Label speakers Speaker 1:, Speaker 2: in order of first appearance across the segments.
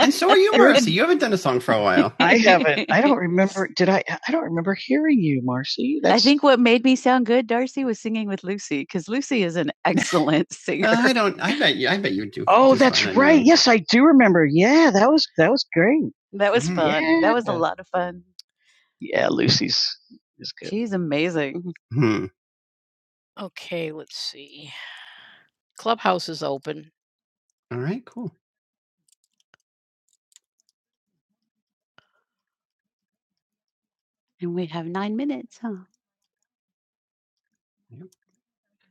Speaker 1: And so are you, Marcy. You haven't done a song for a while. I haven't. I don't remember. Did I? I don't remember hearing you, Marcy. That's... I think what made me sound good, Darcy, was singing with Lucy because Lucy is an excellent singer. uh, I don't. I bet you. I bet you do. Oh, that's fine. right. Anyway. Yes, I do remember. Yeah, that was that was great. That was Mm. fun. Yeah. That was a Yeah. lot of fun. Yeah, Lucy's is good. She's amazing. Hmm. Okay, let's see. Clubhouse is open. All right. Cool. And we have nine minutes, huh? Yep.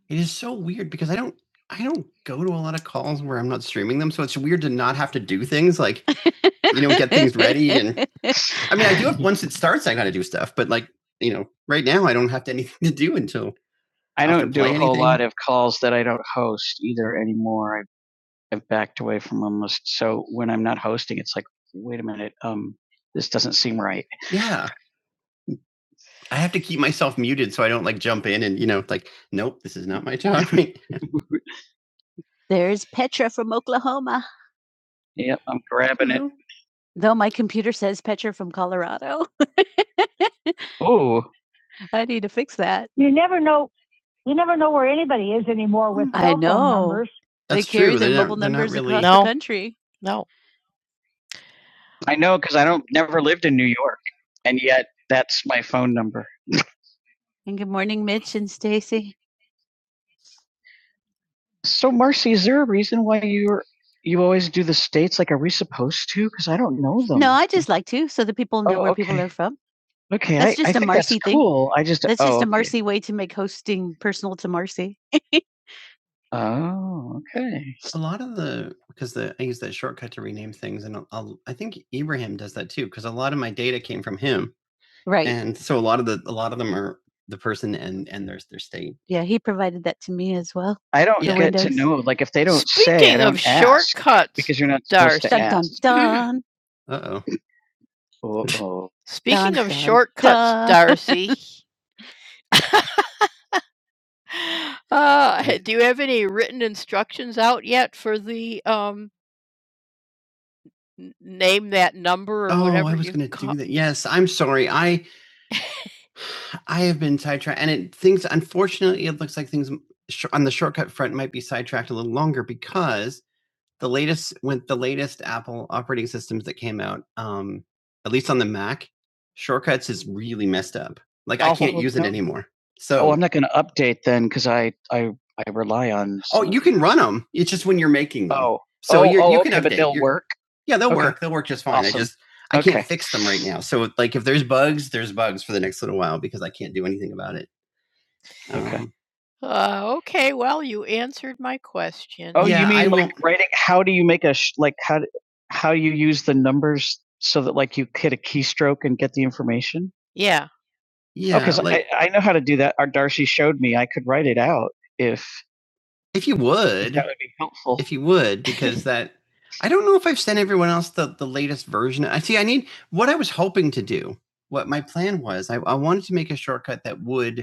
Speaker 1: It is so weird because I don't I don't go to a lot of calls where I'm not streaming them, so it's weird to not have to do things like, you know, get things ready and I mean, I do it once it starts, I gotta do stuff, but like, you know, right now I don't have to anything to do until I Have don't do play a play whole anything? lot of calls that I don't host either anymore. I, I've backed away from almost. So when I'm not hosting, it's like, wait a minute, um, this doesn't seem right. Yeah. I have to keep myself muted so I don't like jump in and, you know, like, nope, this is not my time. There's Petra from Oklahoma. Yep, I'm grabbing it. Though my computer says Petra from Colorado. Oh, I need to fix that. You never know. You never know where anybody is anymore with I cell phone know. numbers. That's they carry true. their they're, mobile not, numbers really. across No. the country. No. I know because I don't never lived in New York, and yet that's my phone number. And good morning, Mitch and Stacy. So, Marcy, is there a reason why you're you always do the states? Like, are we supposed to? Because I don't know them. No, I just like to, so that people know Oh, where okay. people okay. are from. Okay, That's I, I just a think that's Marcy thing. cool. I just That's oh just a okay. Marcy way to make hosting personal to Marcy. Oh, okay. A lot of the because the I use that shortcut to rename things, and I'll, I'll- I think Ibrahim does that too. Because a lot of my data came from him, Right. and so a lot of the a lot of them are the person and and there's their state. Yeah, he provided that to me as well I don't for Yeah. get to Windows. know. Like if they don't say, I Speaking of don't ask shortcuts, because you're not supposed to Darcy. Dun dun ask. dun. Uh oh. Uh-oh. Speaking Dun of dun shortcuts, dun. Darcy, uh, do you have any written instructions out yet for the um, n- name that number or Oh, I whatever was you going to call? do call? that. Yes, I'm sorry. I I have been sidetracked, and it things. Unfortunately, it looks like things sh- on the shortcut front might be sidetracked a little longer because the latest with the latest Apple operating systems that came out, um, at least on the Mac, shortcuts is really messed up. Like oh, I Oh, can't use it no. it anymore. Oh, So oh, I'm not going to update then because I, I I rely on. oh, you can run them. It's just when you're making them. oh so oh, you're, oh, you okay, can but update. But they'll You're- work. Yeah, they'll Okay. work. They'll work just fine. Awesome. I Awesome. just I Okay. can't fix them right now. So like if there's bugs, there's bugs for the next little while because I can't do anything about it. Okay. Um Uh, okay, well, you answered my question. Oh, you Yeah, I mean like will writing how do you make a sh like, how d how you use the numbers so that, like, you hit a keystroke and get the information? Yeah. Oh, Yeah, 'cause I like I I know how to do that, our Darcy showed me, I could write it out if If you if that would. would be helpful. If you would, because that I don't know if I've sent everyone else the the latest version. I see I need what I was hoping to do, what my plan was, I I wanted to make a shortcut that would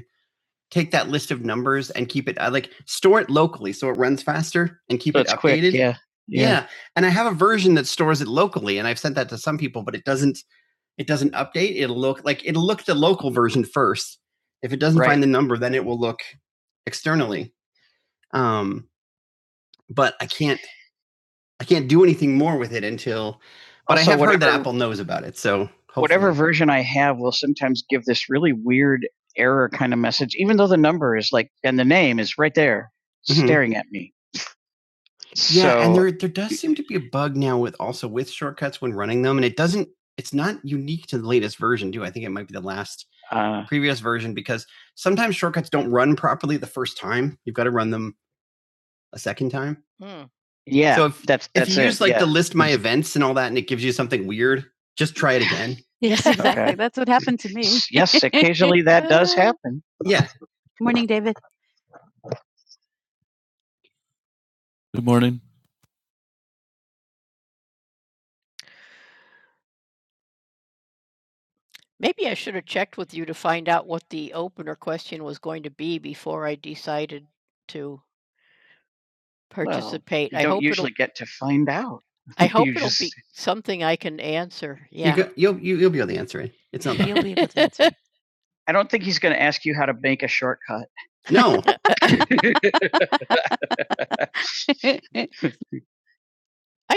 Speaker 1: take that list of numbers and keep it I like store it locally so it runs faster and keep So it updated. quick. Yeah. Yeah. yeah. and I have a version that stores it locally, and I've sent that to some people, but it doesn't. It doesn't update. It'll look like it'll look the local version first. If it doesn't Right. find the number, then it will look externally. Um, but I can't. I can't do anything more with it until. But Also, I have whatever, heard that Apple knows about it, so hopefully. Whatever version I have will sometimes give this really weird error kind of message, even though the number is like and the name is right there, Mhm. staring at me. Yeah, so, and there there does seem to be a bug now with also with shortcuts when running them, and it doesn't. It's not unique to the latest version, too. I think it might be the last uh, previous version because sometimes shortcuts don't run properly the first time. You've got to run them a second time. Hmm. Yeah. So if- that's, that's If you it, use like yeah. the list my events and all that, and it gives you something weird, just try it again. Yes, exactly. Okay. That's what happened to me. yes, occasionally that does happen. yeah, Good Morning, David. Good morning. Maybe I should have checked with you to find out what the opener question was going to be before I decided to participate. Well, You I don't I hope usually get to find out. I hope you it'll just- be something I can answer. You Yeah. you go, you'll you, you'll be able to answer it. It's not You'll be able to answer I don't think he's going to ask you how to make a shortcut. No, I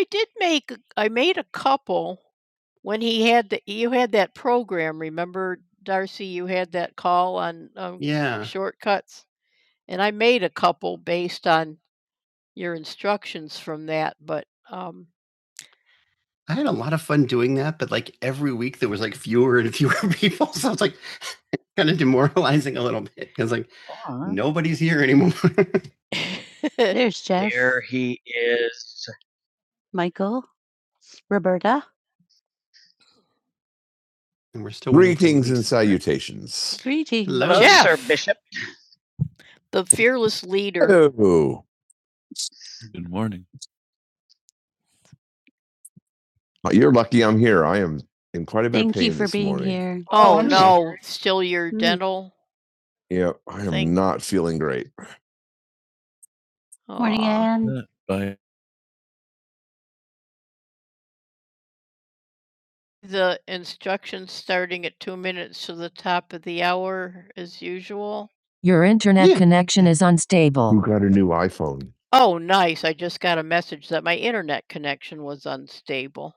Speaker 1: did make I made a couple when he had the you had that program, remember Darcy, you had that call on um, yeah, shortcuts and I made a couple based on your instructions from that, but um I had a lot of fun doing that, but, like, every week there was, like, fewer and fewer people, so it's, like, kinda demoralizing a little bit. bit 'cause, like, Or nobody's here anymore. There's Jeff. There he is. Michael, Roberta. And we're still waiting for Greetings and to start. salutations. Greetings. Hello. Hello, Sir Bishop. the fearless leader. Hello. Good morning. Uh, You're lucky I'm here. I am in quite a bit of Thank pain you pain for this being morning. here. Oh Oh, I'm sorry. no, still your Mm. dental. Yeah, I am Thank- not feeling great. Morning, Aw. Anne. Yeah, bye. The instructions starting at 2 minutes to the top of the hour as usual. Your internet Yeah. connection is Who unstable. got a new iPhone? Oh, nice. I just got a message that my internet connection was unstable.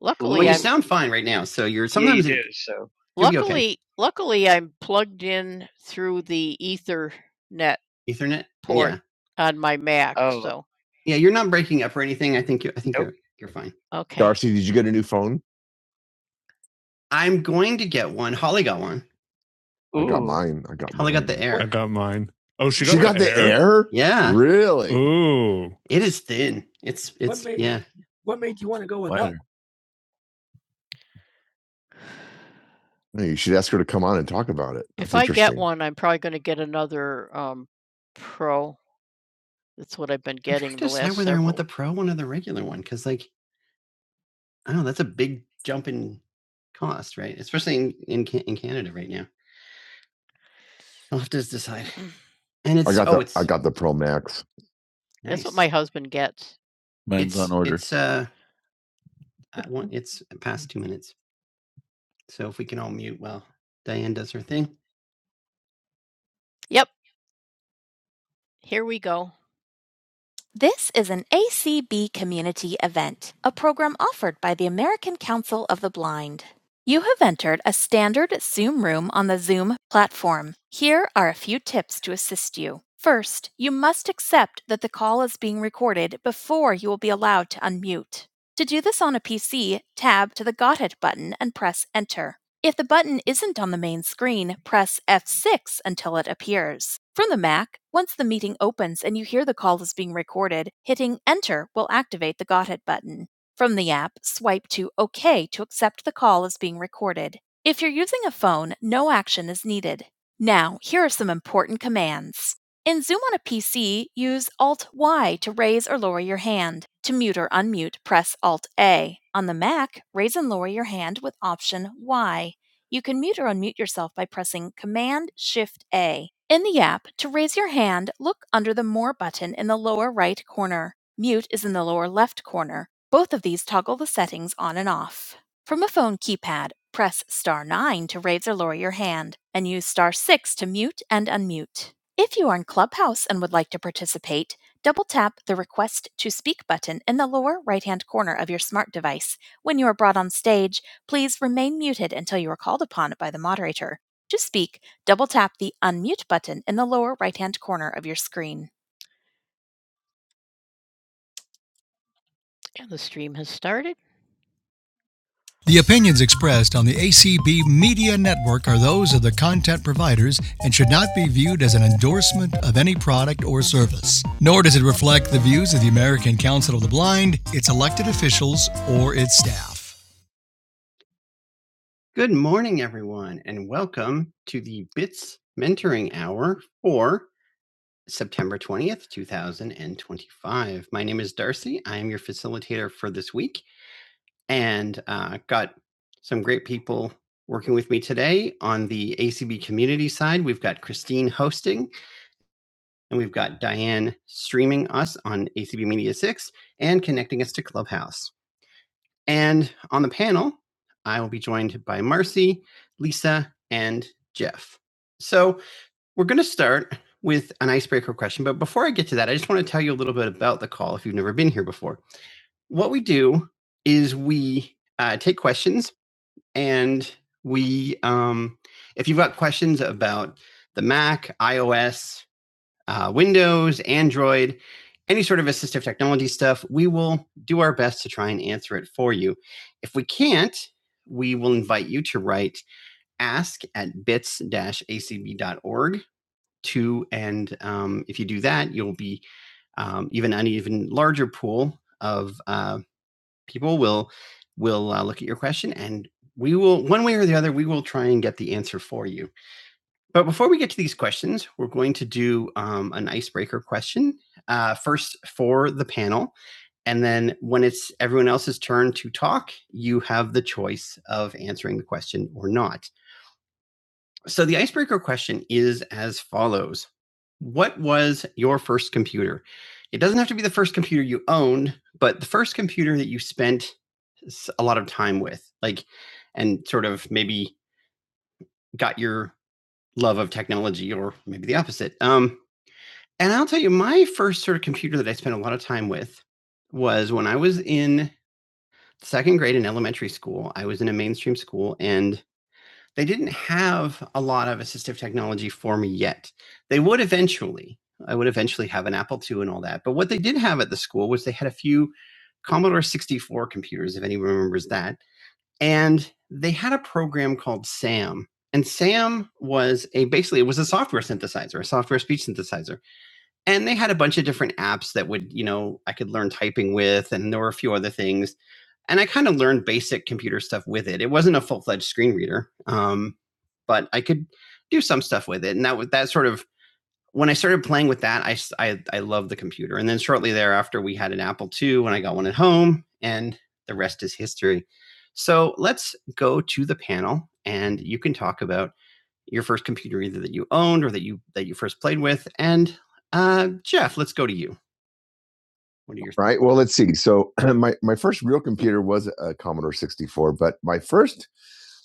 Speaker 1: Luckily, well, you I'm, sound fine right now, so you're sometimes Yeah, you do. So you okay. luckily, luckily, I'm plugged in through the Ethernet Ethernet. Port. Yeah, on my Mac. Oh. So yeah, you're not breaking up or anything. I think you, I think Nope. you're you're fine. okay, Darcy, did you get a new phone? I'm going to get one. Holly got one. Ooh. I got mine. I got. Holly mine. got the Air. I got, oh, she got, She got, got, the air. Air. Yeah, Really? Ooh. it is thin. It's it's what made- yeah. What made you want to go with Wow. No, you should ask her to come on and talk about it. If That's I get interesting. one, I'm probably going to get another um, Pro. That's what I've been I'm trying getting to the decide last whether I want several. the pro one or the regular one because, like, I don't know, that's a big jump in cost, right? Especially in in, Ca- in Canada right now. I'll have to just decide. Mm. And I it's got oh, the it's I it's got the Pro Max. That's what nice. my husband gets. Mine's it's, on It's order. It's uh, I want- it's past two minutes, so if we can all mute while Diane does her thing. Yep. Here we go. This is an ACB community event, a program offered by the American Council of the Blind. You have entered a standard Zoom room on the Zoom platform. Here are a few tips to assist you. First, you must accept that the call is being recorded before you will be allowed to unmute. To do this on a PC, tab to the Got It button and press Enter. If the button isn't on the main screen, press F6 until it appears. From the Mac, once the meeting opens and you hear the call is being recorded, hitting Enter will activate the Got It button. From the app, swipe to OK to accept the call is being recorded. If you're using a phone, no action is needed. Now, here are some important commands. In Zoom on a PC, use Alt Y to raise or lower your hand. To mute or unmute, press Alt A. On the Mac, raise and lower your hand with Option Y. You can mute or unmute yourself by pressing Command Shift A. In the app, to raise your hand, look under the More button in the lower right corner. Mute is in the lower left corner. Both of these toggle the settings on and off. From a phone keypad, press star 9 to raise or lower your hand and use star 6 to mute and unmute. If you are in Clubhouse and would like to participate, double tap the Request to Speak button in the lower right hand corner of your smart device. When you are brought on stage, Please remain muted until you are called upon by the moderator. To speak, double tap the unmute button in the lower right hand corner of your screen. And the stream has started. The opinions expressed in the ACB Media Network are those of the content providers and should not be viewed as an endorsement of any product or service. Nor does it reflect the views of the American Council of the Blind, its elected officials, or its staff. Good morning, everyone, and welcome to the BITS Mentoring Hour for September 20th, 2025. My name is Darcy. I am your facilitator for this week and uh, got some great people working with me today. On the ACB community side, we've got Christine hosting and we've got Diane streaming us on ACB Media 6 and connecting us to Clubhouse. And on the panel, I will be joined by Marcy, Lisa, and Jeff. So, we're going to start with an icebreaker question. But before I get to that, I just want to tell you a little bit about the call if you've never been here before. What we do is we uh, take questions and we, um, if you've got questions about the Mac, iOS, uh, Windows, Android, any sort of assistive technology stuff, we will do our best to try and answer it for you. If we can't, we will invite you to write ask at bits acb.org 2, and, um, if you do that, you'll be, um, even an even larger pool of, uh, people will will, uh, look at your question, and we will one way or the other, we will try and get the answer for you. But before we get to these questions, we're going to do, um, an icebreaker question, uh, first for the panel, and then when it's everyone else's turn to talk, you have the choice of answering the question or not. So the icebreaker question is as follows What was your first computer? It doesn't have to be the first computer you owned, but the first computer that you spent s- a lot of time with, like, and sort of maybe got your love of technology or maybe the opposite. Um, and I'll tell you, my first sort of computer that I spent a lot of time with was when I was in second grade in elementary school. I was in a mainstream school and they didn't have a lot of assistive technology for me yet. They would eventually. I would eventually have an Apple II and all that. But what they did have at the school was they had a few Commodore 64 computers, if anyone remembers that. And they had a program called SAM. And SAM was a basically it was a software synthesizer, a software speech synthesizer and they had a bunch of different apps that would you know i could learn typing with and there were a few other things and i kind of learned basic computer stuff with it it wasn't a full-fledged screen reader um, but i could do some stuff with it and that was that sort of when I started playing with that, I I I loved the computer. And then shortly thereafter, we had an Apple II when I got one at home, and the rest is history. So let's go to the panel, and you can talk about your first computer either that you owned or that you that you first played with. And uh, Jeff, let's go to you. What are your All Right. Well, let's see. So my my first real computer was a Commodore 64, but my first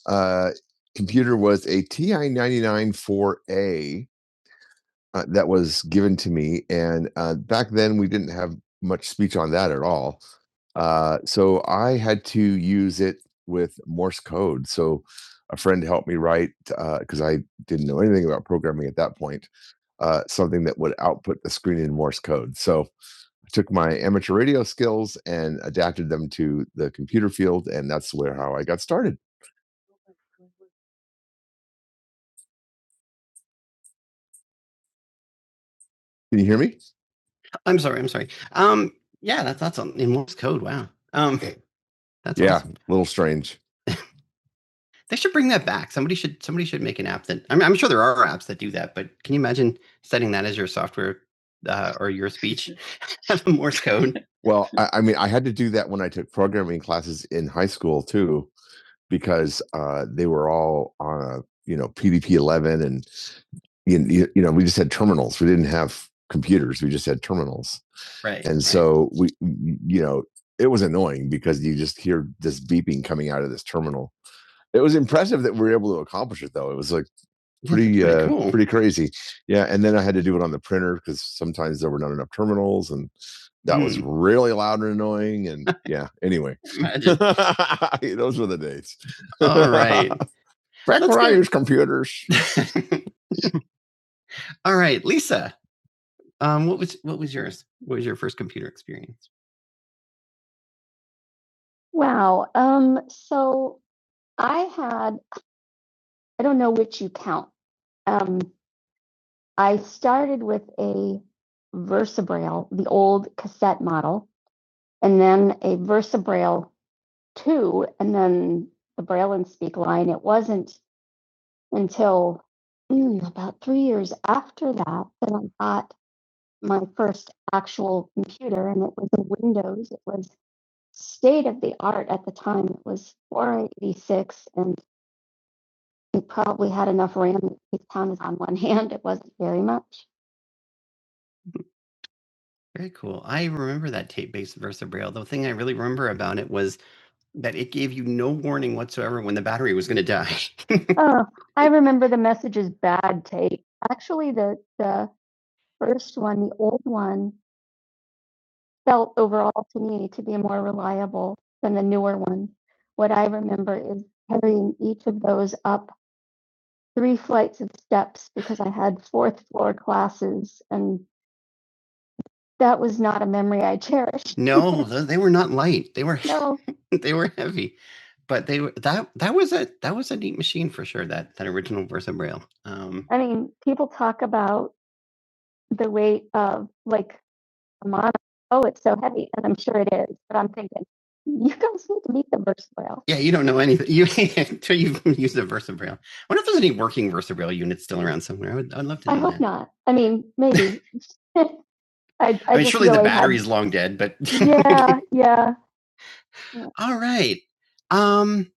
Speaker 1: uh, computer was a TI 99 4A uh, that was given to me, and, uh, back then, we didn't have much speech on that at all. Uh, so I had to use it with Morse code, so a friend helped me write, because I didn't know anything about programming at that point, uh, something that would output the screen in Morse code. So I took my amateur radio skills and adapted them to the computer field, and that's where how I got started. Can you hear me? I'm sorry, I'm sorry. Um, yeah, that's that's on in Morse code, wow. Um That's yeah, awesome. a little strange. They should bring that back. Somebody should somebody should make an app that I mean, I'm sure there are apps that do that, but can you imagine setting that as your software uh, or your speech? Have a Morse code. Well, I, I mean, I had to do that when I took programming classes in high school too, because uh, they were all on a you know PDP eleven, and you, you you know we just had terminals. We didn't have computers. We just had terminals, right. and right. so we you know it was annoying because you just hear this beeping coming out of this terminal. It was impressive that we were able to accomplish it, though. It was like pretty, Pretty uh, cool. pretty crazy. Yeah, and then I had to do it on the printer because sometimes there were not enough terminals, and that mm. was Hmm. really loud and annoying. And yeah, anyway, those were the days. All right. back Let's when go. I used computers. All right, Lisa. Um, what was what was yours? What was your first computer experience? Wow. Um, so I had, I don't know which you count. Um, I started with a Versabrail, the old cassette model, and then a VersaBraille 2, and then the Braille and Speak line. It wasn't until mm, about three years after that that I got my first actual computer, and it was a Windows. It was state of the art at the time. It was 486, and it probably had enough RAM that you could count it on one hand. It wasn't very much. Very cool. I remember that tape-based VersaBraille. The thing I really remember about it was that it gave you no warning whatsoever when the battery was gonna die. Oh, I remember the message is bad tape. Actually, the the first one, the old one, felt overall to me to be more reliable than the newer one. What I remember is carrying each of those up 3 flights of steps because I had 4th floor classes and that was not a memory I cherished. No, they were not light. They were No, they were heavy, but they were that that was a that was a neat machine for sure. That that original Versa Braille. Um, I mean, people talk about the weight of like a mono. Oh, it's so heavy, and I'm sure it is. But I'm thinking, you guys need to meet the Versa Braille. yeah, you don't know anything you until you've used a Versa Braille. I wonder if there's any working Versa Braille units still around somewhere. I would I'd love to. Know I hope that. not. I mean, maybe. I, I, I, mean, surely the really had- long dead, but yeah, yeah. yeah. All right. Um,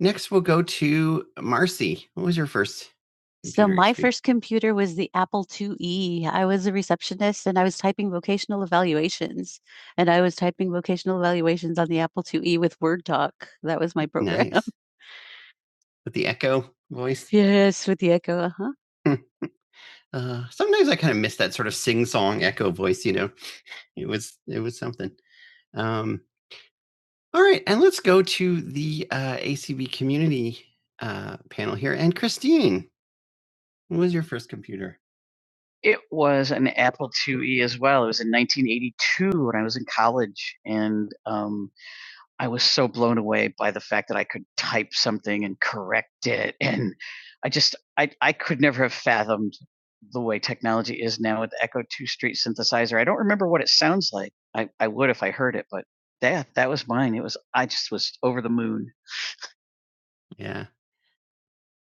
Speaker 1: next we'll go to Marcy. What was your first? So my experience? first computer was the Apple IIe. I was a receptionist and I was typing vocational evaluations. And I was typing vocational evaluations on the Apple IIe with Word Doc. That was my program. nice with the echo voice. Yes, with the echo. Uh-huh. Uh, sometimes I kind of miss that sort of sing-song echo voice. You know, it was it was something. Um, All right, and let's go to the uh, ACB community uh, panel here. And Christine, what was your first computer? It was an Apple IIe as well. It was in 1982 when I was in college, and um, I was so blown away by the fact that I could type something and correct it, and I just I I could never have fathomed the way technology is now with the Echo Two Street synthesizer. I don't remember what it sounds like. I I would if I heard it, but that that was mine. It was I just was over the moon. Yeah.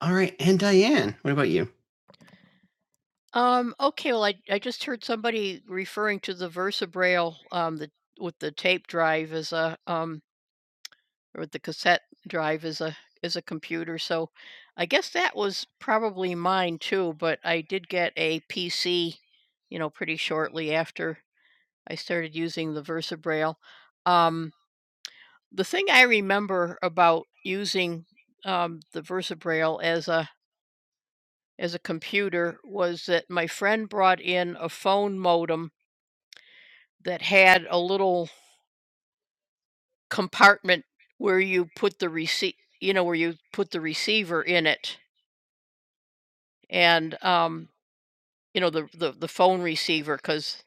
Speaker 1: All right. And Diane, what about you? Um, okay, well, I, I just heard somebody referring to the VersaBraille um, the, with the tape drive as a um, or with the cassette drive as a as a computer. So I guess that was probably mine too. But I did get a PC, you know, pretty shortly after I started using the VersaBraille. Um, the thing I remember about using um, the VersaBraille as a as a computer was that my friend brought in a phone modem that had a little compartment where you put the receipt you know where you put the receiver in it and um you know the the, the phone receiver because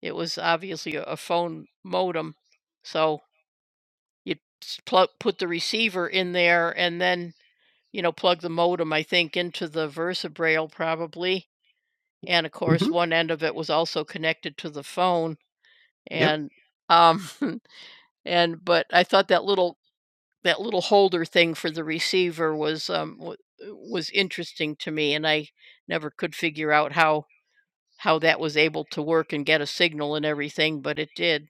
Speaker 1: it was obviously a, a phone modem so you plug put the receiver in there and then you know plug the modem i think into the versa braille probably and of course hmm one end of it was also connected to the phone Yep. And, um, and but I thought that little that little holder thing for the receiver was, um, wa was interesting to me, and I never could figure out how how that was able to work and get a signal and everything, but it did.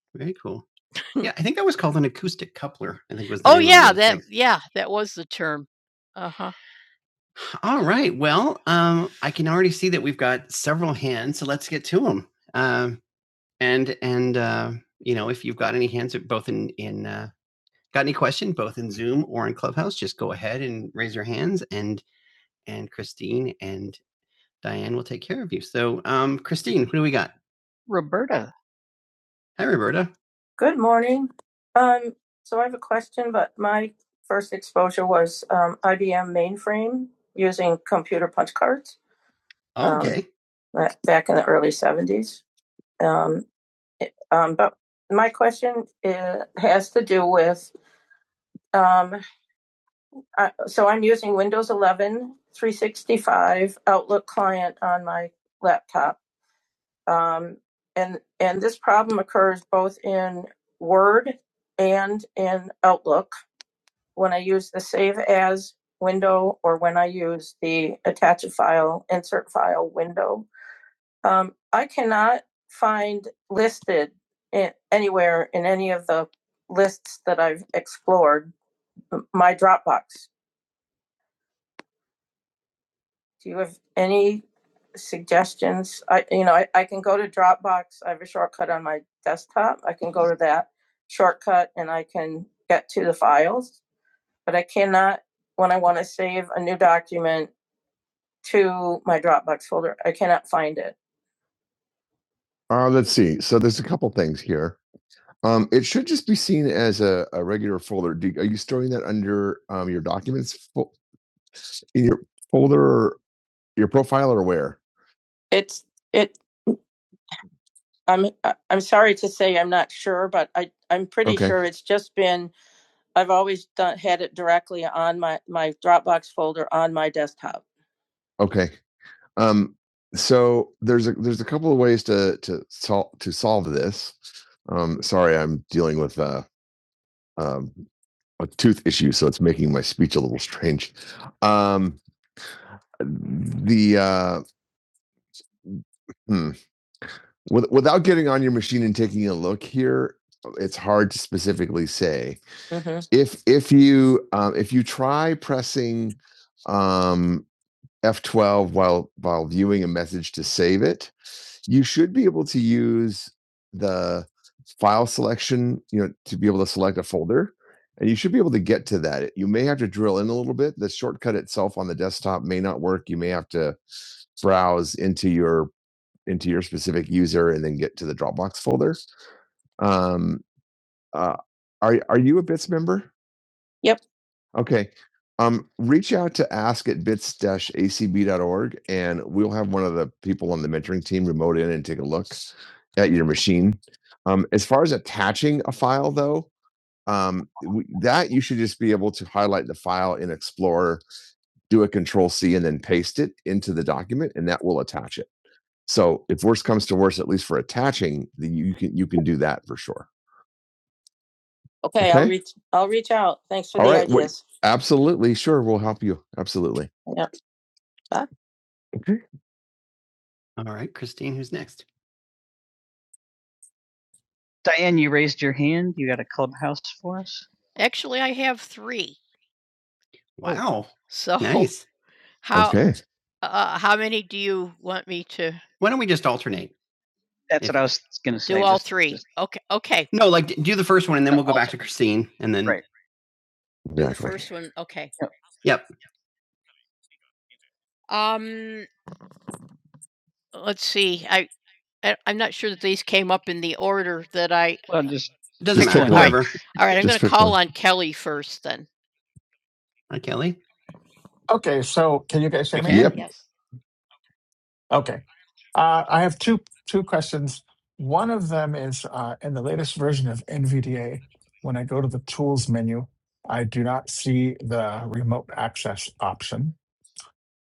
Speaker 1: Very cool. Yeah, I think that was called an acoustic coupler, I think was the Oh, name of yeah, the that thing. yeah, that was the term. Uh-huh. All right, well, um, I can already see that we've got several hands, so let's get to them. and and uh, you know if you've got any hands both in in uh, got any question both in zoom or in clubhouse just go ahead and raise your hands and and christine and diane will take care of you so um christine who do we got Roberta. hi roberta Good morning. Um, so my first exposure was um, unused um, okay ba- back in the early '70s. Um, it- um, but my question is: the problem has used style when suggestions Uh, let's see. So there's a couple things here. Um, it should just be seen as a, a regular folder. Do, are you storing that under um, your documents fo- in your folder, or your profile, or where? Pretty Okay. sure it's Dropbox top. Okay. Um, so there's a there's a couple of ways to to solve to solve this. Um, sorry, I'm dealing with a, um, a tooth issue, so it's making my speech a little strange. Um, the uh, hmm. With, without getting on your machine and taking a look here, it's hard to specifically say. Mhm. If if you um, if you try pressing um, F12 while while viewing a message to save it, you should be able to use the file selection, you know, to be able to select a folder. And you should be able to get to that. You may have to drill in a little bit. The shortcut itself on the desktop may not work. You may have to browse into your into your specific user and then get to the Dropbox folder. Um, uh, are are you a Bits member? Yep. Okay. Um, reach out to ask at bits-acb.org and we'll have one of the people on the mentoring team remote in and take a look at your machine. Um, as far as attaching a file, though, um, we, that you should just be able to highlight the file in Explorer, do a Control C, and then paste it into the document, and that will attach it. So if worse comes to worse, at least for attaching, the- you can you can do that for sure. Okay, I'll Okay. I'll reach out for All the right, wait. ideas. Wait, Absolutely, sure, we'll help you. Absolutely. Okay. All right, Christine, who's next? Diane, you raised your hand. You got a clubhouse for us? Actually, I have three. Wow, So nice. how Okay. uh, how many do you want me to Why don't we just alternate? That's if, what I was going to say. do? all just- three. just- okay. Okay. No, like do the first one, and then we'll go alternate. back to Christine, and then Right. The Exactly. first one. Okay. yep. Yep. Um, let's see. I, I I'm not sure that these came up in the order that I Well, just It doesn't Just Pick matter. one. Alright. All right, I'm going to call one. on Kelly first then. Hi, Kelly.
Speaker 2: Okay, so can you guys
Speaker 1: We
Speaker 2: hear
Speaker 1: can.
Speaker 2: me?
Speaker 1: Yep. Yes.
Speaker 2: Okay. Uh, I have two two questions. One of them is uh, in the latest version of NVDA, when I go to the tools menu, I do not see the remote access option.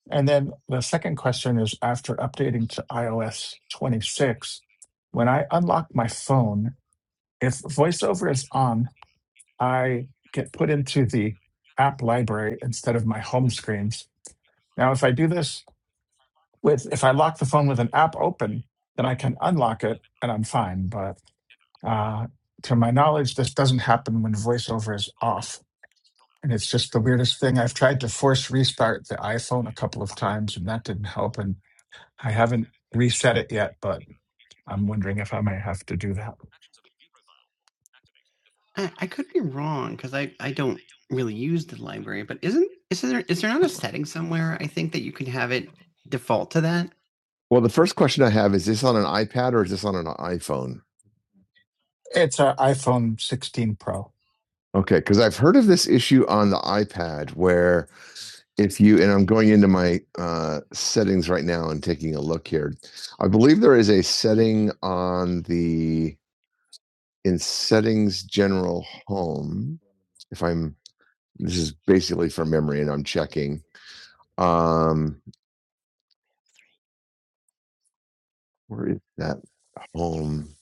Speaker 2: And then the second question is after updating to iOS 26, when I unlock my phone, if VoiceOver is on, I get put into the app library instead of my home screens. Now, if I do this with if I lock the phone with an app open, then I can unlock it and I'm fine. But uh, to my knowledge, this doesn't happen when voiceover is off. And it's just the weirdest thing. I've tried to force restart the iPhone a couple of times and that didn't help. And I haven't reset it yet, but I'm wondering if I might have to do that.
Speaker 1: I, I could be wrong because I, I don't really use the library, but isn't is there is there not a setting somewhere I think that you can have it default to that? Well, the first question I have is is this on an iPad or is this on an iPhone?
Speaker 2: It's an iPhone 16 Pro.
Speaker 1: Okay, because I've heard of this issue on the iPad where if you and I'm going into my uh, settings right now and taking a look here, I believe there is a setting on the in settings general home. If I'm this is basically from memory and I'm checking. Um, where is that home?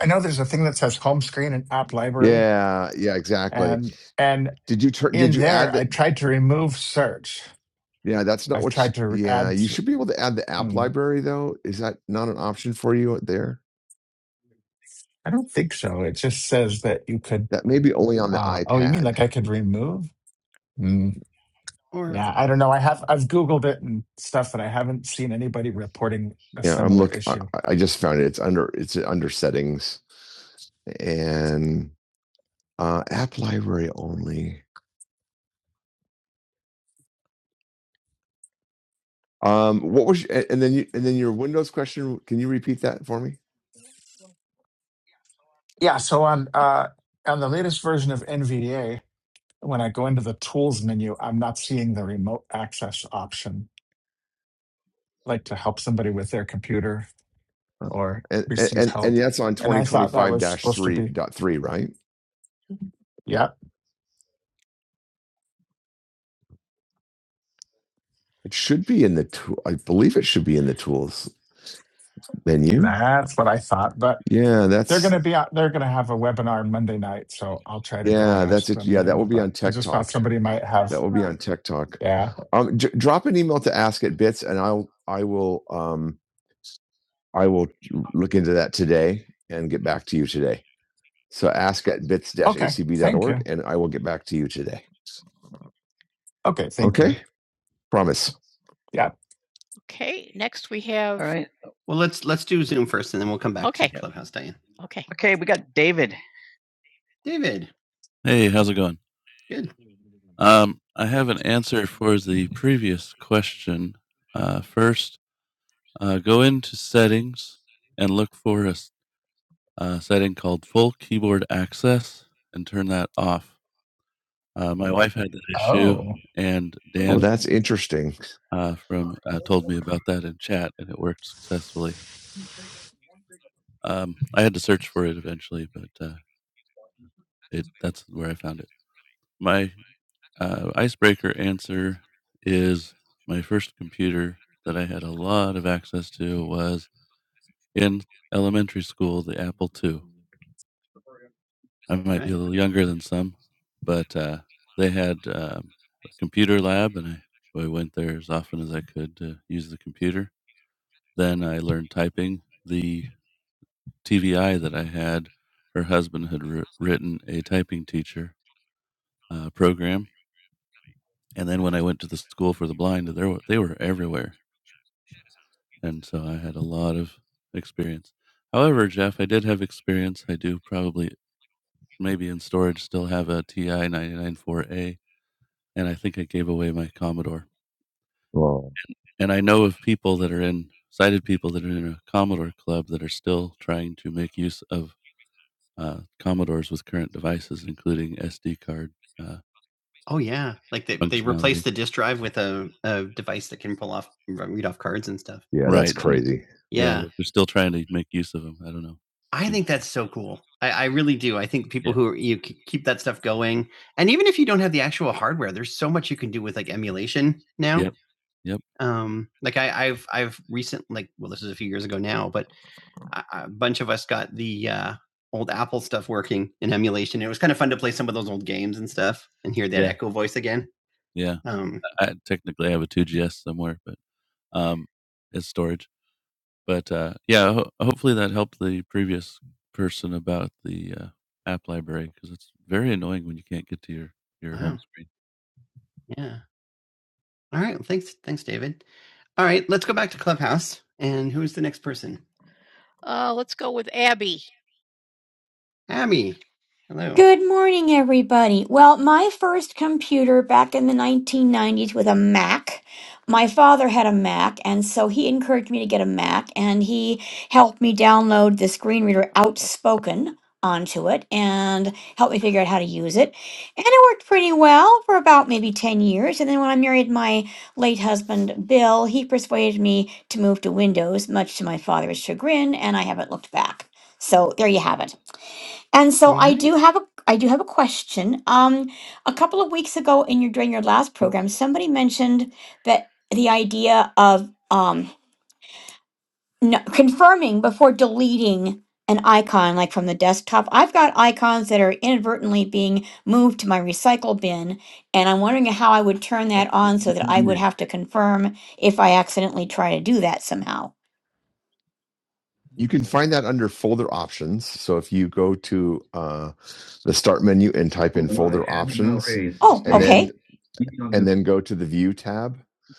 Speaker 2: I know there's a thing that says home screen and app library,
Speaker 1: Yeah, yeah, exactly.
Speaker 2: and and
Speaker 1: Did you turn? Did
Speaker 2: in
Speaker 1: you
Speaker 2: there
Speaker 1: add
Speaker 2: I
Speaker 1: that?
Speaker 2: tried to remove search.
Speaker 1: Yeah, that's not
Speaker 2: I've tried
Speaker 1: what's
Speaker 2: to re-
Speaker 1: yeah,
Speaker 2: add.
Speaker 1: you should be able to add the app
Speaker 2: mm,
Speaker 1: library though. Is that not an option for you there?
Speaker 2: I don't think so. It just says that you could.
Speaker 1: That may be only on the
Speaker 2: Uh, oh, you mean
Speaker 1: iPad.
Speaker 2: like I could remove? Mm,
Speaker 1: Or
Speaker 2: yeah, I don't know. I have I've Googled it and stuff, and I haven't seen anybody reporting a
Speaker 1: Yeah, I'm
Speaker 2: similar
Speaker 1: look I,
Speaker 2: issue.
Speaker 1: I I just found it. It's under it's under settings and uh app library only. Um, what was your, and then you, and then your Windows question? Can you repeat that for me?
Speaker 2: Yeah, so on uh, on the latest version of NVDA, when I go into the tools menu, I'm not seeing the remote access option like to help somebody with their computer
Speaker 1: Uh,
Speaker 2: or
Speaker 1: And
Speaker 2: receive
Speaker 1: and
Speaker 2: help.
Speaker 1: and that's on
Speaker 2: And
Speaker 1: twenty
Speaker 2: I
Speaker 1: twenty
Speaker 2: thought that
Speaker 1: five
Speaker 2: was
Speaker 1: dash
Speaker 2: supposed to
Speaker 1: three
Speaker 2: be,
Speaker 1: dot three, right?
Speaker 2: yep,
Speaker 1: It should be in the tool. I believe it should be in the tools menu.
Speaker 2: that's what I thought. But
Speaker 1: Yeah,
Speaker 2: they're going
Speaker 1: that's
Speaker 2: to be out, they're going to have a webinar Monday night. So I'll try to go and
Speaker 1: yeah, that's
Speaker 2: ask
Speaker 1: it.
Speaker 2: them
Speaker 1: Yeah, that
Speaker 2: then.
Speaker 1: will be
Speaker 2: But
Speaker 1: on
Speaker 2: I
Speaker 1: Tech
Speaker 2: just thought
Speaker 1: Talk.
Speaker 2: somebody might
Speaker 1: That That's
Speaker 2: have,
Speaker 1: will be on right. Tech Talk.
Speaker 2: yeah.
Speaker 1: Um, j- drop an email to ask at bits, and I'll I will um I will look into that today and get back to you today. So ask at bits
Speaker 2: Okay.
Speaker 1: acb dot
Speaker 2: Thank
Speaker 1: org,
Speaker 2: you.
Speaker 1: and I will get back to you today.
Speaker 2: Okay. Thank you.
Speaker 1: Okay, promise.
Speaker 2: Yeah.
Speaker 1: Okay, next we have. All have, right. Well, let's let's do Zoom first, and then we'll come back Okay. to Clubhouse, Diane. Okay, Okay, we got David. David. Hey, how's it going? Good. Um, I have an answer for the previous question. Uh, first, uh, go into settings and look for a s- uh, setting called full keyboard access and turn that off. Uh, my wife had that issue,
Speaker 2: Oh.
Speaker 1: and Oh, Dan that's interesting. uh, from uh, told me about that in chat, and it worked successfully. Um, I had to search for it eventually, but uh, it that's where I found it. My Uh, icebreaker answer is my first computer that I had a lot of access to was in elementary school, the Apple II. I might be Okay. a little younger than some, but uh, they had um, a computer lab, and I, so I went there as often as I could to use the computer. Then I learned typing. The TVI that I had, her husband had wr- written a typing teacher uh, program. And then when I went to the school for the blind, there were, they were everywhere and so I had a lot of experience. However, Jeff, I did have experience. I do probably, maybe in storage, still have a TI 994A, and I think I gave away my Commodore. Well, And I know of people that are in, sighted people that are in a Commodore club that are still trying to make use of uh, Commodores with current devices, including SD card. uh, Oh yeah, like they they replaced functionality. the disk drive with a, a device that can pull off read off cards and stuff. Yeah, right. that's Right. crazy. Yeah, yeah, they're still trying to make use of them. I don't know. I think that's so cool. I, I really do. I think people yeah. who are, you keep that stuff going, and even if you don't have the actual hardware, there's so much you can do with like emulation now. Yep. Yep. Um, like I, I've I've recent like well, this is a few years ago now, but a bunch of us got the uh, old Apple stuff working in emulation. It was kind of fun to play some of those old games and stuff and hear that Yeah. echo voice again. Yeah. Um, I technically have a 2GS somewhere, but um, it's storage. But uh, yeah, ho- hopefully that helped the previous person about the uh, app library because it's very annoying when you can't get to your your Wow. home screen. yeah. All right. Well, Thanks. Thanks, David. All right. Let's go back to Clubhouse. And who's the next person? Uh, let's go with Abby. Abby. Hello.
Speaker 3: Good morning, everybody. Well, my first computer back in the 1990s was a Mac. My father had a Mac, and so he encouraged me to get a Mac, and he helped me download the screen reader Outspoken onto it and helped me figure out how to use it. And it worked pretty well for about maybe 10 years. And then when I married my late husband, Bill, he persuaded me to move to Windows, much to my father's chagrin, and I haven't looked back. So there you have it. And so
Speaker 1: All
Speaker 3: I
Speaker 1: right.
Speaker 3: do have a I do have a question. Um, a couple of weeks ago in your during your last program, somebody mentioned that the idea of um no, confirming before deleting an icon like from the desktop. I've got icons that are inadvertently being moved to my recycle bin, and I'm wondering how I would turn that on so that I would have to confirm if I accidentally try to do that somehow.
Speaker 1: You can find that under folder options. So if you go to uh, the start menu and type in folder options,
Speaker 3: Oh,
Speaker 1: and then
Speaker 3: okay.
Speaker 1: and then go to the view tab,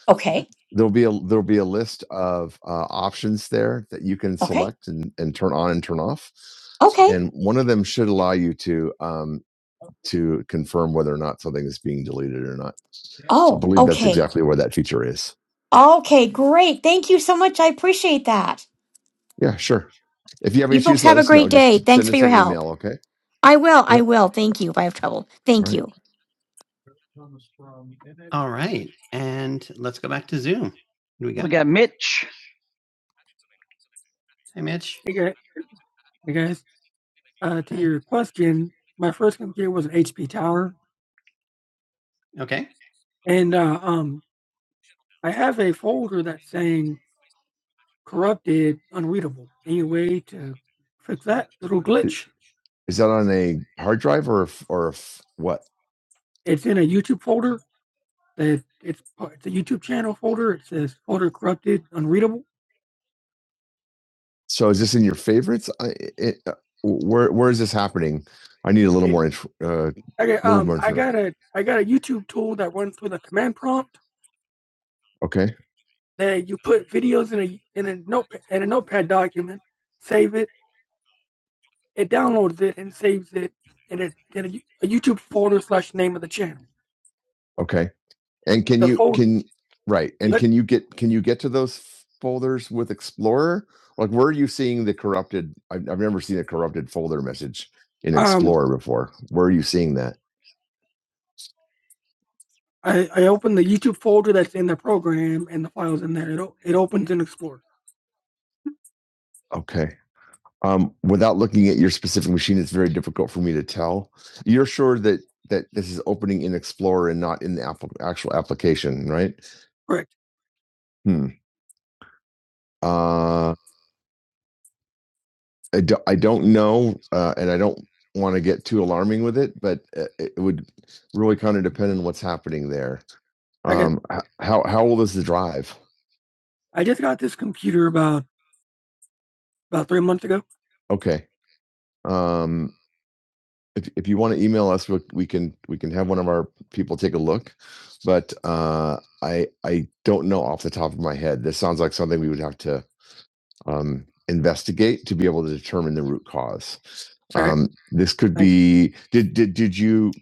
Speaker 3: Okay.
Speaker 1: there'll be a there'll be a list of uh, options there that you can
Speaker 3: Okay.
Speaker 1: select and, and turn on and turn off.
Speaker 3: Okay.
Speaker 1: And one of them should allow you to um, to confirm whether or not something is being deleted or not. I
Speaker 3: Oh,
Speaker 1: believe that's
Speaker 3: okay.
Speaker 1: exactly where that feature is.
Speaker 3: Okay, great. Thank you so much. I appreciate that.
Speaker 1: Yeah, sure. If you have
Speaker 3: You folks
Speaker 1: issues,
Speaker 3: have
Speaker 1: let
Speaker 3: a
Speaker 1: us
Speaker 3: great
Speaker 1: know.
Speaker 3: day.
Speaker 1: Just
Speaker 3: Thanks
Speaker 1: send
Speaker 3: for
Speaker 1: us
Speaker 3: your
Speaker 1: an
Speaker 3: help.
Speaker 1: email, okay?
Speaker 3: I will. I
Speaker 1: Yep.
Speaker 3: will. Thank you if I have trouble.
Speaker 1: All
Speaker 3: Thank
Speaker 1: right.
Speaker 3: you.
Speaker 1: All right. And let's go back to Zoom. We got, We got Mitch. hey, Mitch. Uh, your question, my first computer was an HP Tower, Okay. and uh, um, I have a folder that's saying corrupted, unreadable. Any way to fix that little glitch? Is that on a hard drive or or what? It's in a YouTube folder, It's it's part the YouTube channel folder, it says folder corrupted, unreadable. So is this in your favorites? I it uh, where where is this happening? I need a little It more inf- uh I got um more I got a I got a YouTube tool that runs with a command prompt Okay. that you put videos in a in a notepad in a notepad document, save it, it downloads it and saves it in a in a, a YouTube folder slash name of the channel. Okay. And can you folder- can right? And Let- can you get can you get to those folders with Explorer? Like, where are you seeing the corrupted? I've, I've never seen a corrupted folder message in Um, Explorer before. Where are you seeing that? I, I open the YouTube folder that's in the program and the files in there. It, o- it opens in Explorer. Okay. Um, without looking at your specific machine, it's very difficult for me to tell. You're sure that that this is opening in Explorer and not in the app- actual application, right? Correct. Hmm. Uh, I don't, I don't know, uh, and I don't want to get too alarming with it, but uh, it would really kind of depend on what's happening there. Okay. Um, h- how how old is the drive? I just got this computer about about three months ago. Okay. Um, if if you want to email us, we, we can we can have one of our people take a look. But uh, I I don't know off the top of my head. This sounds like something we would have to um, investigate to be able to determine the root cause. Sure. Um, this could Right. be did did did you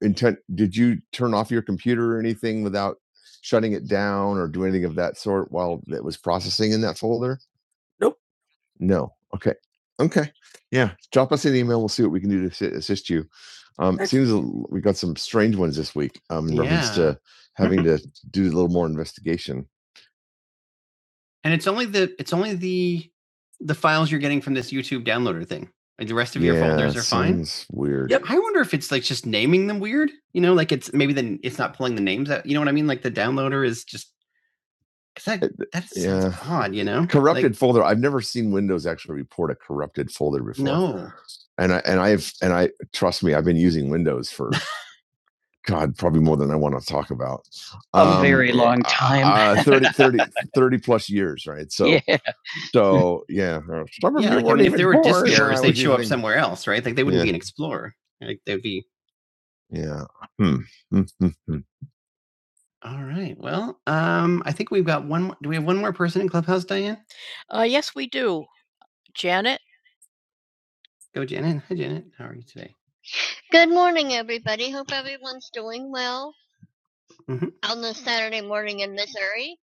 Speaker 1: intent did you turn off your computer or anything without shutting it down or do anything of that sort while it was processing in that folder? Nope. No. Okay. Okay. Yeah. Drop us an email. We'll see what we can do to assi- assist you. Um, Sure. seems we got some strange ones this week um, in reference Yeah. to having to do a little more investigation. And it's only the it's only the the files you're getting from this YouTube downloader thing. Like the rest of your yeah, folders are fine. Weird. weird. I wonder if it's like just naming them weird. You know, like it's maybe then it's not pulling the names out. You know what I mean? Like the downloader is just because that It- that sounds yeah. odd. You know, Corrupted Like, folder. I've never seen Windows actually report a corrupted folder before. no, And I and I've and I trust me, I've been using Windows for God, probably more than I want to talk about. Um, A very long time. uh, 30, thirty, thirty plus years, right? So yeah. So yeah, uh, yeah, like, aren't if there were born disc errors, they'd show up using- somewhere else, right? Like they wouldn't Yeah. be an explorer. Like they'd be Yeah. Hmm. Hmm, hmm, hmm. all right. Well, um, I think we've got one. Do we have one more person in Clubhouse, Diane? Uh, yes, we do. Janet, Go, Janet. Hi, Janet. How are you today?
Speaker 4: Good morning, everybody. Hope everyone's doing well
Speaker 1: hmm
Speaker 4: on this Saturday morning in Missouri.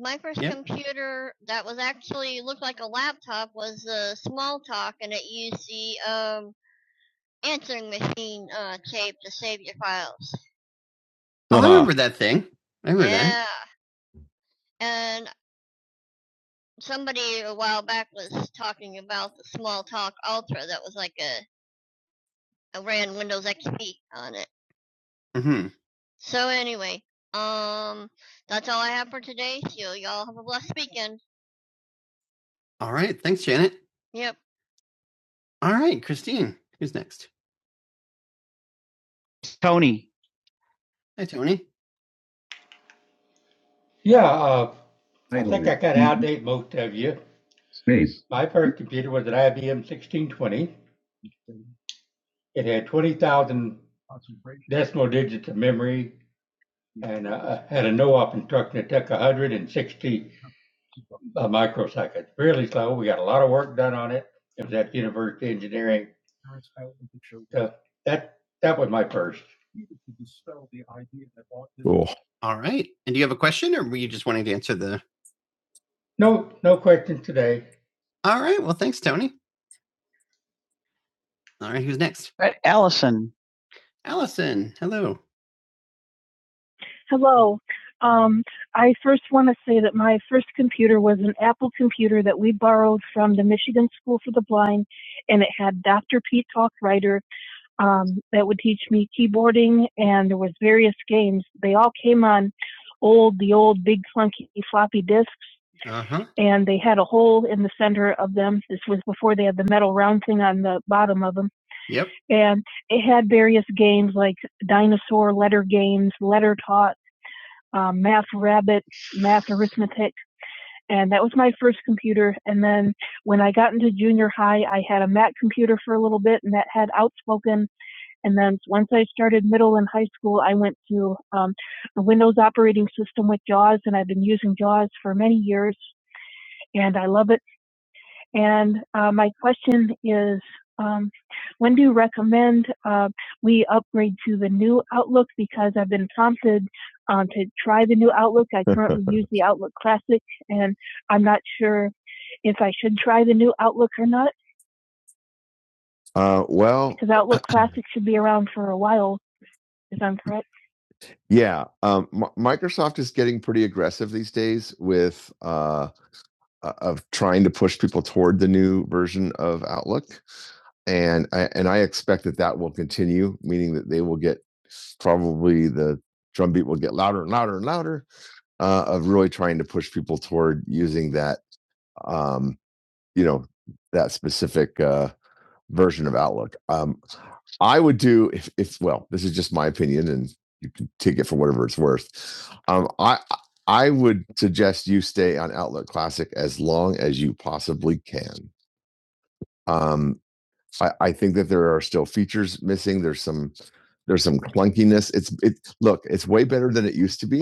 Speaker 4: My first
Speaker 1: Yep.
Speaker 4: computer that was actually looked like a laptop was a small talk, and it used the um, answering machine uh, tape to save your files.
Speaker 1: Oh, I Uh-huh. I remember that thing. I remember that.
Speaker 4: Yeah, and somebody a while back was talking about the small talk Ultra that was like a, a ran Windows XP on it.
Speaker 1: hmm
Speaker 4: So anyway, um, that's all I have for today. So y'all have a blessed weekend.
Speaker 1: All right. Thanks, Janet.
Speaker 4: Yep.
Speaker 1: All right, Christine. Who's next? Tony. Hi, Tony. Yeah, uh, I think I got to outdate most of you. Nice. My first computer was an IBM sixteen twenty. It had twenty thousand decimal digits of memory and uh, had a no-op instruction. that took one hundred and sixty uh, microseconds. Really slow. We got a lot of work done on it. It was at University of Engineering. So that that was my first. Cool. All right. And do you have a question or were you just wanting to answer the? No, no questions today. All right. Well, thanks, Tony. All right, who's next? All right, Allison. Allison, hello. Um, I, my computer was an Apple computer that we borrowed from the Michigan School and it had Dider um, that would teach me keyboarding, and there was various games. They all came on big disks, Uh huh. and they bouncing on the Yep. dinosaur letters. I started middle, but Sin is um, I currently use it Uh, well, Outlook yeah, um, M- Microsoft is getting pretty aggressive these days with uh, uh, of trying to push people toward the new version of Outlook, and I, and I expect that that will continue, meaning that they will get probably the drumbeat will get louder and louder and louder uh, of really trying to push people toward using that um, you know that specific uh, version of Outlook. Um, I would do if if well, this is just my opinion, and you can take it for whatever it's worth. Um, I I would suggest you stay on Outlook Classic as long as you possibly can. Um, I, I think that there are still features missing. There's some there's some clunkiness. It's it look it's way better than it used to be.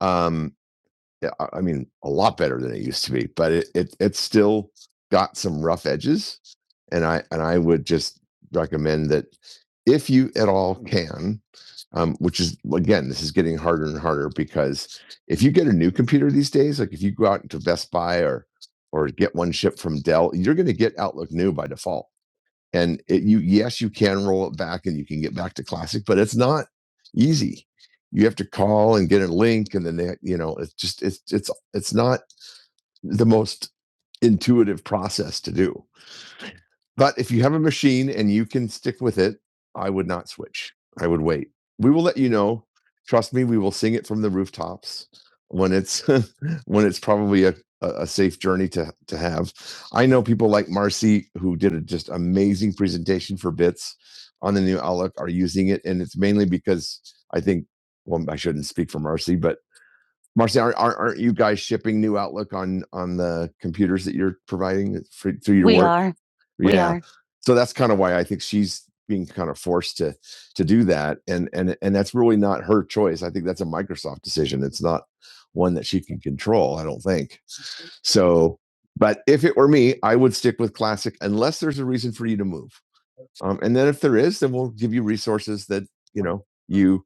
Speaker 1: Um, yeah, I mean, a lot better than it used to be, but it, it it's still got some rough edges, and I and I would just recommend that if you at all can, um, which is again, this is getting harder and harder because if you get a new computer these days, like if you go out to Best Buy or or get one shipped from Dell, you're going to get Outlook new by default and it, you yes you can roll it back and you can get back to classic but it's not easy you have to call and get a link and then they, you know it's just it's it's it's not the most intuitive process to do but if you have a machine and you can stick with it, I would not switch. I would wait. We will let you know. Trust me, we will sing it from the rooftops when it's when it's probably a, a safe journey to to have. I know people like Marcy who did a just amazing presentation for Bits on the new Outlook are using it, and it's mainly because I think. Well, I shouldn't speak for Marcy, but Marcy, aren't, aren't you guys shipping new Outlook on on the computers that you're providing for, through your we work? are. We yeah. We are. So that's kind of why I think she's being kind of forced to to do that, and and and that's really not her choice. I think that's a Microsoft decision. It's not one that she can control. I don't think so. But if it were me, I would stick with classic unless there's a reason for you to move. Um, and then if there is, then we'll give you resources that you know you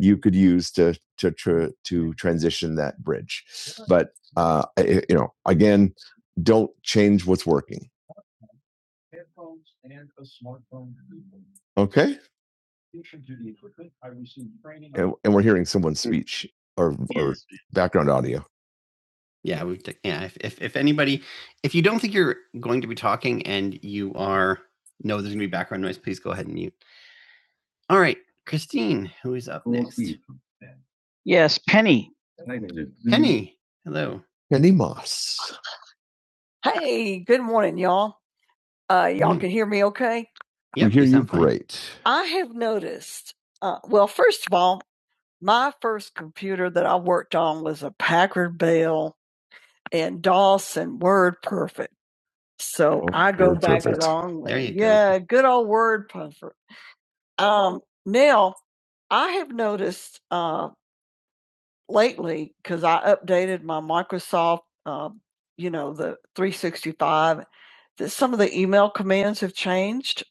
Speaker 1: you could use to to to, to transition that bridge. But uh, you know, again, don't change what's working. Headphones and a smartphone. Okay, Addition to the equipment, I received training. and, and we're hearing someone's speech or, or background audio. Yeah, we yeah. If, if if anybody, if you don't think you're going to be talking and you are know there's gonna be background noise, please go ahead and mute. All right, Christine, who is up next? Yes, Penny. Penny. Hello. Penny Moss. Hey, good morning, y'all. Uh, y'all Morning. can hear me okay? We Yep, we hear you great. I have noticed, uh, well, first of all, my first computer that I worked on was a Packard Bell and DOS and WordPerfect. So Oh, I go back Perfect. a long way. There go. yeah, good old WordPerfect. Um, now, I have noticed uh, Lately, because I updated my Microsoft, um, you know, the 365, that some of the email commands have changed.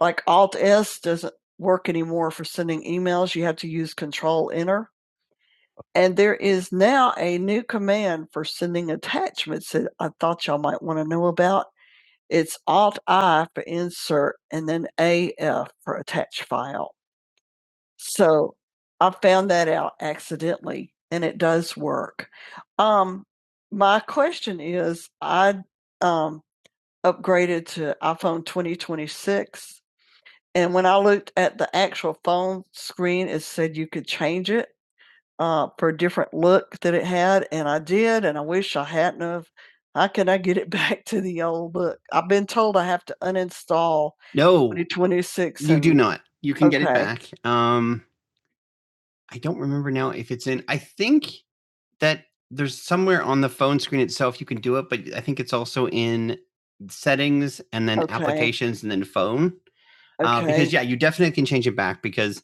Speaker 1: Like Alt S doesn't work anymore for sending emails. You have to use Control Enter. And there is now a new one for I might want out I for insert and then AF for att- and it does work. Um, my question is, I um upgraded to iPhone 2026 And when I looked at the actual phone screen, it said you could change it uh, for a different look that it had, and I did, and I wish I hadn't have. How can I get it back to the old look? I've been told I have to uninstall No, 2026 you do and not. You can get it okay. back. Um, I don't remember now if it's in. I think that there's somewhere on the phone screen itself you can do it, but I think it's also in settings and then Okay. applications and then phone. Uh, because Okay. yeah, you definitely can change it back because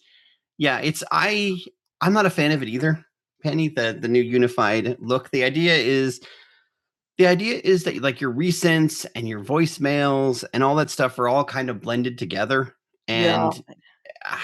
Speaker 1: yeah, it's I I'm not a fan of it either. Penny, the the new unified look. The idea is the idea is that like your recents and your voicemails and all that stuff are all kind of blended together. Yeah. And yeah. uh,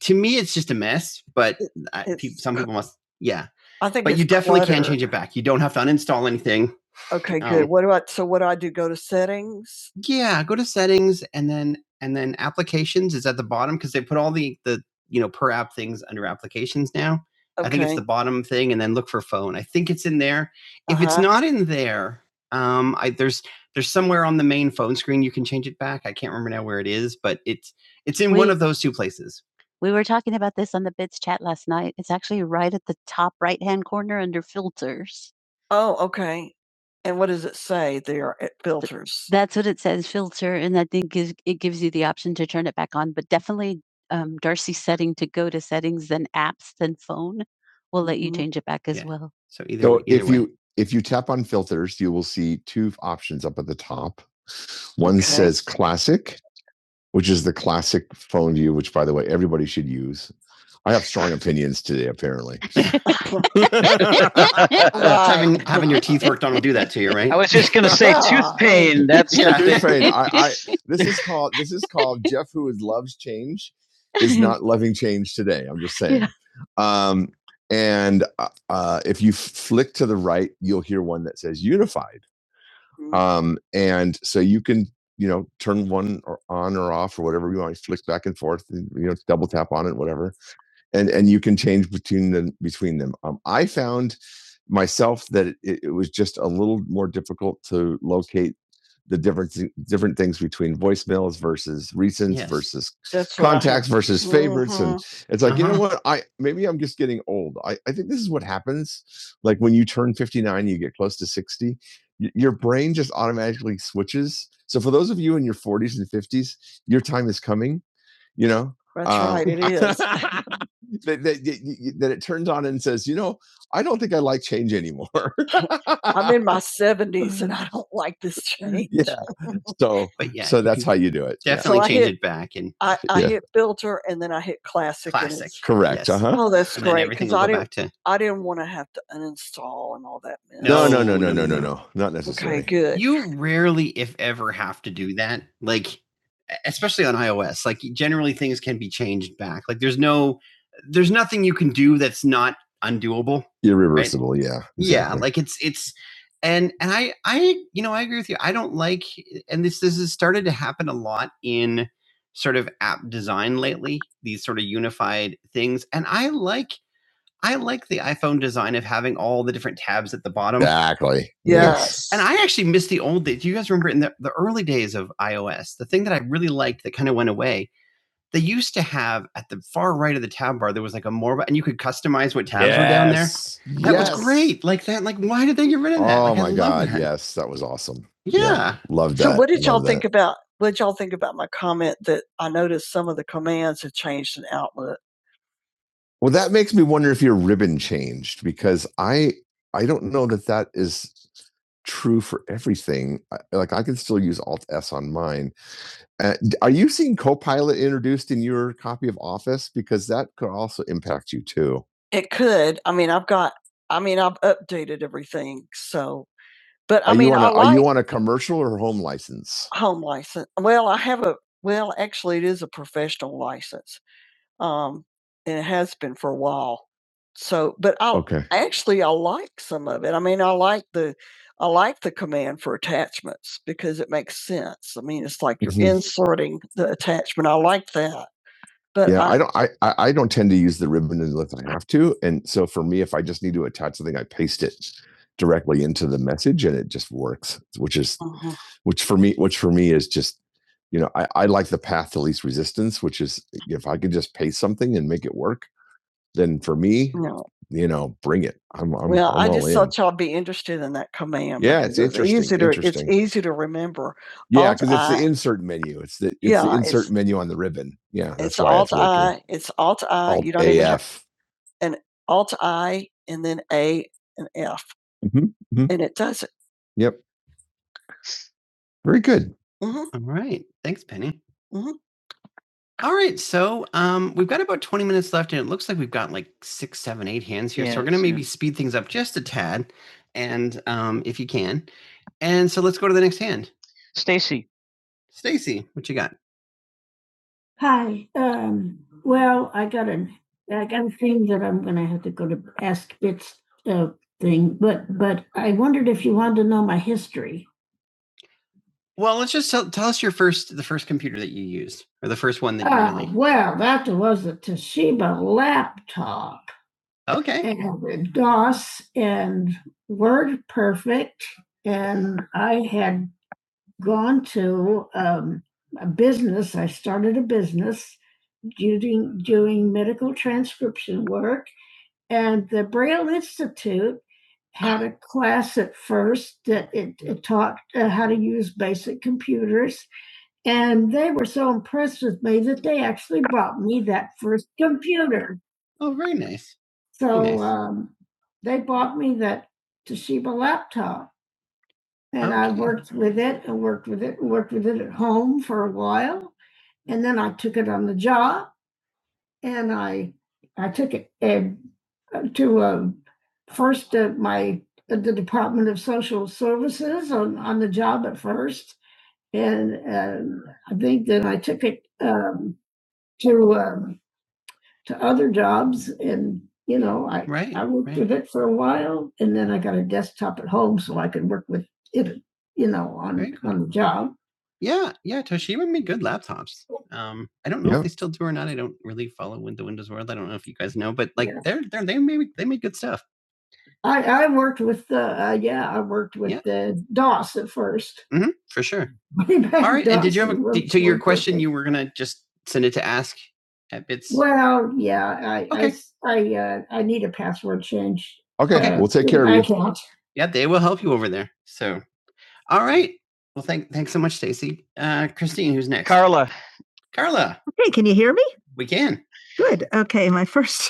Speaker 1: to me, it's just a mess. But I, it's- some people must, yeah. I think, But you definitely clutter. can change it back. You don't have to uninstall anything. Okay, good. um, what do I? So what do I do? Go to settings. Yeah, go to settings and then and then applications is at the bottom because they put all the the you know per app things under applications now. Okay. I think it's the bottom thing, and then look for phone. I think it's in there. If it's Uh-huh. it's not in there, um, I, there's there's somewhere on the main phone screen you can change it back. I can't remember now where it is, but it it's in we, one of those two places. We were talking about this on the bits chat last night. It's actually right at the top right hand corner under filters. Oh, okay. And what does it say there at filters? That's what it says, filter, and I think is, it gives you the option to turn it back on. But definitely, um, Darcy's setting to go to settings, then apps, then phone will let you Mhm. change it back as Yeah. well. So either, So either if way. you if you tap on filters, you will see two options up at the top. One Okay. says classic, which is the classic phone view, which by the way, everybody should use. I have strong opinions today, apparently. having having your teeth worked on will do that to you, right? I was just gonna say tooth pain. That's Yeah, not Tooth pain. I, I, this is called this is called Jeff who is loves change is not loving change today. I'm just saying. Yeah. Um, and uh, uh, if you flick to the right, you'll hear one that says unified. Um, and so you can, you know, turn one or on or off or whatever you want. You flick back and forth, and, you know, double tap on it, whatever and and you can change between them between them. Um, I found myself that it, it was just a little more difficult to locate the different different things between voicemails versus recents Yes. versus That's right. contacts versus favorites and Mhm. it's like you know Uh-huh. what i maybe i'm just getting old I, I think this is what happens like when you turn 59 you get close to 60 y- your brain just automatically switches so for those of you in your 40s and 50s your time is coming you know That's Um, right. It is. that, that, y- that it turns on and says you know i don't think i like change anymore I'm in my 70s and I don't like this change. yeah so yeah, so that's how you do it Yeah. definitely yeah. So change hit- it back and I, I Yeah. hit filter and then I hit classic. Classic. correct Yes. uh-huh Oh, that's and great because I didn't to I didn't want to have to uninstall and all that mess. no no no No, no no, no no no, no Okay, good. you rarely if ever have to do that like e, especially on iOS. Like generally things can be changed back. Like there's no there's nothing you can do that's not undoable. Irreversible, Right? yeah. Exactly. Yeah, like it's it's and and I I you know I agree with you. I don't like and this this has started to happen a lot in sort of app design lately. These sort of unified things, and I like I like the iPhone design of having all the different tabs at the bottom. Exactly. Yes. And I actually miss the old days. Do you guys remember in the, the early days of iOS, the thing that I really liked that kind of went away? They used to have at the far right of the tab bar, there was like a more, and you could customize what tabs yes. were down there. Yes. That Yes. was great. Like that. Like, why did they get rid of that? Oh Like, my god, that. yes, that was awesome. Yeah. yeah. Loved that. So, what did y'all loved that. think that. about? What did y'all think about my comment that I noticed some of the commands have changed in Outlook? Well, that makes me wonder if your ribbon changed because I I don't know that that is true for everything. I- Like I can still use Alt S on mine. Uh, d- are you seeing Copilot introduced in your copy of Office because that could also impact you too? It could. I mean, I've got. I mean, I've updated everything. So, but I Are you mean, you on a I a are like you on a commercial or home license? home license. Well, I have a. Well, actually, it is a professional license. Um, and it has been for a while. So but i Okay. actually, I like some of it. I mean, I like the I like the command for attachments because it makes sense. I mean, it's like you're Mhm. inserting the attachment. I like that. But Yeah, I, I don't. I I I don't tend to use the ribbon unless I have to, and so for me, if I just need to attach something, I paste it directly into the message, and it just works. Which is uh-huh. which for me, which for me is just, you know, I I like the path to least resistance, which is if I could just paste something and make it work, then for me, No. you know, bring it. I'm I'm, Well, I'm I all just in. thought in. y'all be interested in that command Yeah, because it's it's interesting. easy to, interesting. it's easy to remember. Yeah, because it's the insert menu. It's the it's the yeah, the insert it's menu on the ribbon. Yeah, that's it's why it's alt really cool. I, it's alt I. Alt You don't A F. even have AF. an alt I and then A and F, hmm hmm and it does it. Yep. Very good. hmm All right. Thanks, Penny. hmm all right, so um, we've got about 20 minutes left, and it looks like we've got like six, seven, eight hands here. So we're going to Yes, yeah. maybe speed things up just a tad, and um, if you can. And so let's go to the next hand. Stacy. Stacy, what you got? Hi. Um, well, I'm that uh, thing. Well, let's just tell, tell us your first, the first computer that you used, or the first one that you Oh, really. well, that was a Toshiba laptop. Okay. and DOS and Word Perfect. And I had gone to um, a business, I started a business doing, doing medical transcription work. And the Braille Institute had a class at first that it, it taught. Oh, very nice. So, very Nice. uh, and okay. I Okay. worked with services on, uh, then I took it um, to, um, and, you know, I, Right. I worked right. with it for, with it Very cool. Yeah, yeah, Toshiba made good laptops. Um, I don't know Yeah. if they still do or not. I don't really follow with the Windows world. I don't know if you guys know, but like Yeah. they're they're they made they made good stuff I, I worked with the uh, yeah, I worked with Yeah. the DOS at first. hmm for sure. All right, DOS, and did you have a, to your question? You were gonna just send it to ask at bits. Well, yeah, I okay. I Okay. uh, I need a password change. Okay, Uh, we'll take care of you. okay. Yeah, they will help you over there. So all right. Well, thank, thanks so much, Stacy. Uh, Christine, who's next? Carla. Carla, we can.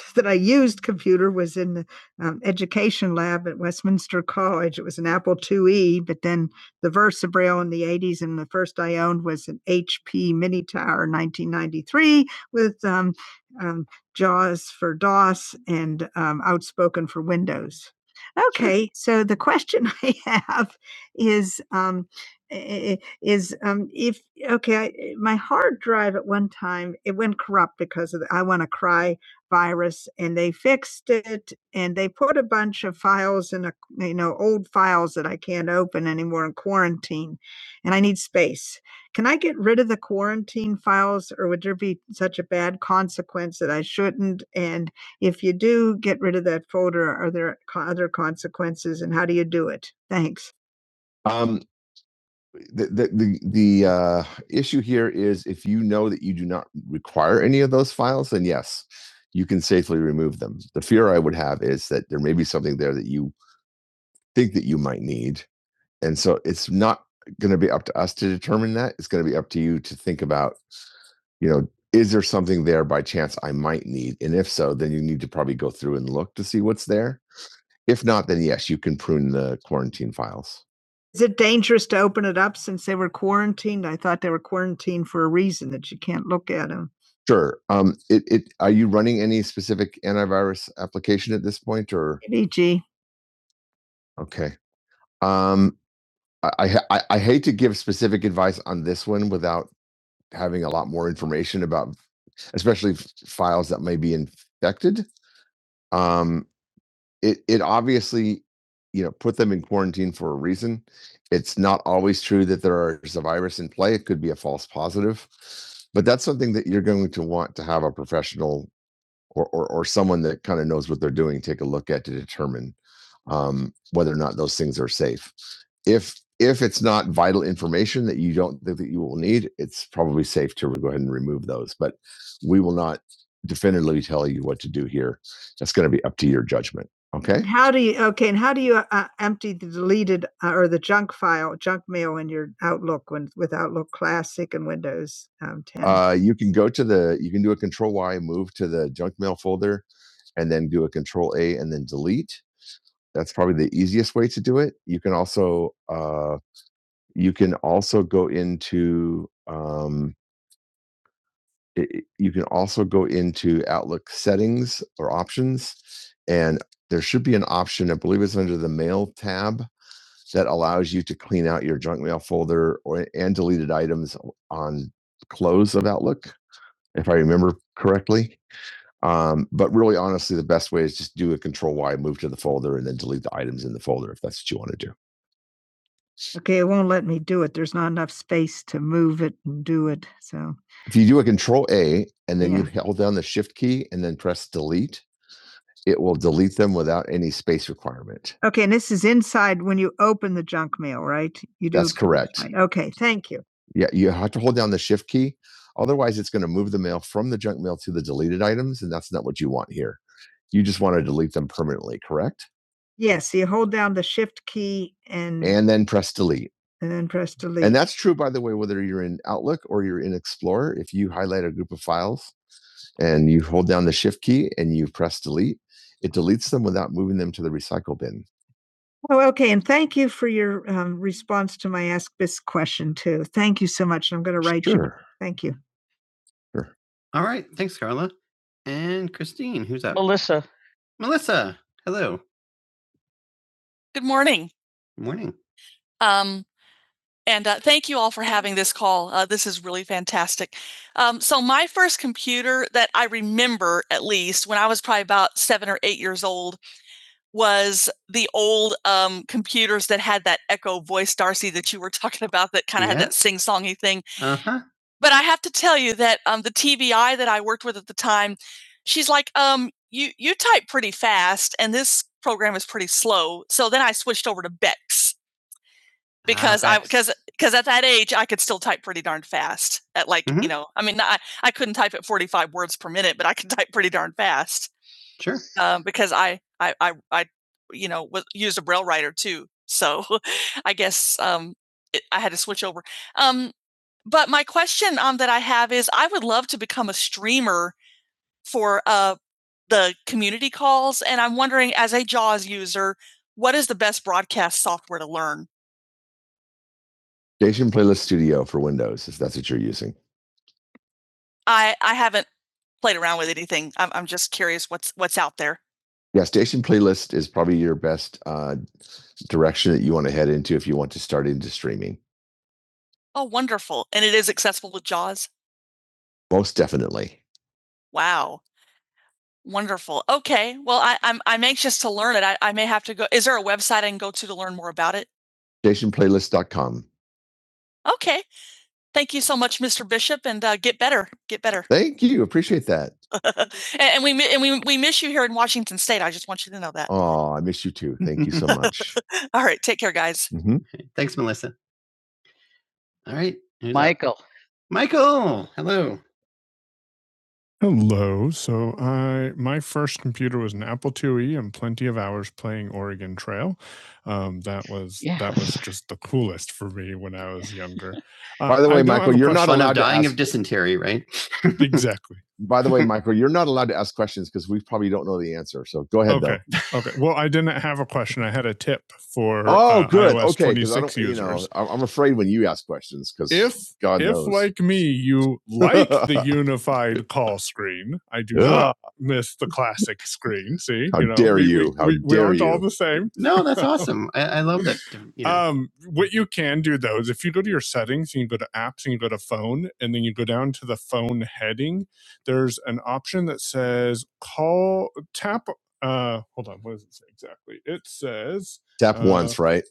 Speaker 1: that I used computer when the um, Educate, but then the verse Versity Tower 1990 with um, John Andos. Okay, tonight I'm, it went corrupt because of the I want to cry virus, and they put files in a you know, oh, and I need space. Can I or would there be such a bad if you Um, the the the, the uh, issue here is if you know that you do not require any of those files, then yes, you can safely remove them. The fear I would have is that there may be something there that you think that you might need, and so it's not going to be up to us to determine that. It's going to be up to you to think about, you know, is there something there by chance I might need, and if so, then you need to probably go through and look to see what's there. If not, then yes, you can prune the quarantine files. Is it dangerous to open it up since they were quarantined? I thought they were quarantined for a reason that you can't look at them. Sure. Um, it, it are you running any specific antivirus application at this point, or EG. okay? Um, I, I I I hate to give specific advice on this one without having a lot more information about, especially f- files that may be infected. Um, it it obviously, you know, put them in quarantine for a reason. It's not always true that there are is a virus in play. It could be a false positive, but that's something that you're going to want to have a professional or or, or someone that kind of knows what they're doing take a look at to determine um, whether or not those things are safe. If if it's not vital information that you don't think that you will need, it's probably safe to go ahead and remove those. But we will not definitively tell you what to do here. That's going to be up to your judgment. Okay. How do you okay, and how do you, uh, empty the deleted, uh, or the junk file junk mail in your Outlook when with Outlook Classic and Windows, um, 10? Uh, you can go to the you can do a control Y, move to the junk mail folder, and then do a control A and then delete. That's probably the easiest way to do it. You can also, uh, you can also go into, um it, it- you can also go into Outlook settings or options, and there should be an option. I believe it's under the mail tab that allows you to clean out your junk mail folder or and deleted items on close of Outlook, if I remember correctly. Um, but really, honestly, the best way is just do a Control Y, move to the folder, and then delete the items in the folder if that's what you want to do. Move it and do it. So If you do a Control A and then Yeah. you yeah. held down the Shift key and then press delete, it will delete them without any space requirement. Okay, and this is inside when you open the junk mail, right? You do. That's correct. Okay, thank you. Yeah, you have to hold down the shift key. Otherwise, it's going to move the mail from the junk mail to the deleted items, and that's not what you want here. You just want to delete them permanently, correct? Yes, So you hold down the shift key and and, then press delete. And then press delete. And that's true, by the way, whether you're in Outlook or you're in Explorer. If you highlight a group of files and you hold down the shift key and you press delete, it deletes them without moving them to the recycle bin. Oh, okay. And thank you for your um, response to my Ask This question, too. Thank you so much. I'm going to write sure. you. Sure. Thank you. Sure. All right. Thanks, Carla. And Christine, who's up? Melissa. Melissa. Hello. Good morning. Um, and about seven or eight, um, we're talking about that kind of yeah. had Yeah. that sing-songy thing. Uh huh. But I, she's um, you you typed, and this program is pretty slow. This because ah, I because because at that age I could still type pretty darn st- at like Mhm. you know I I could type words per minute, but I could type pretty darn fast Sure. um, because I I I I you know was, used a braille writer too. So I guess um, I had to switch over for uh, the community calls, and I'm wondering as I learn, Station Playlist Studio for Windows, if that's what you're using. I I haven't played around with anything. I'm, I'm just curious what's what's out there. Yeah, station playlist is probably your best uh, direction that you want to head into if you want to start into streaming. Most definitely. Stationplaylist.com. Oh, sure. sure. Thank you. Appreciate that. And, and we miss that. Oh, I miss you too. Thank you so much. It's- Mhm. Okay, Thanks, Melissa. All right. who's up? Michael. Michael. Hello. 'cause Yeah. That was just when I was younger. Uh, By the way, Michael, you're not allowed to dying ask- of dysentery, right? exactly. By the way, Michael, you're not allowed to ask questions because we probably don't know the answer. So go ahead, Okay. though. Okay. or, Oh, uh, good. iOS okay, 'cause I 26 do you know, I- am afraid when you ask questions because if God if knows. like like the Unite, I do not the classic. You How know, dare we- you. How we, dare we dare are all the same. No, that's awesome. I, I love that. You know, Um, wait, tap uh, once, right?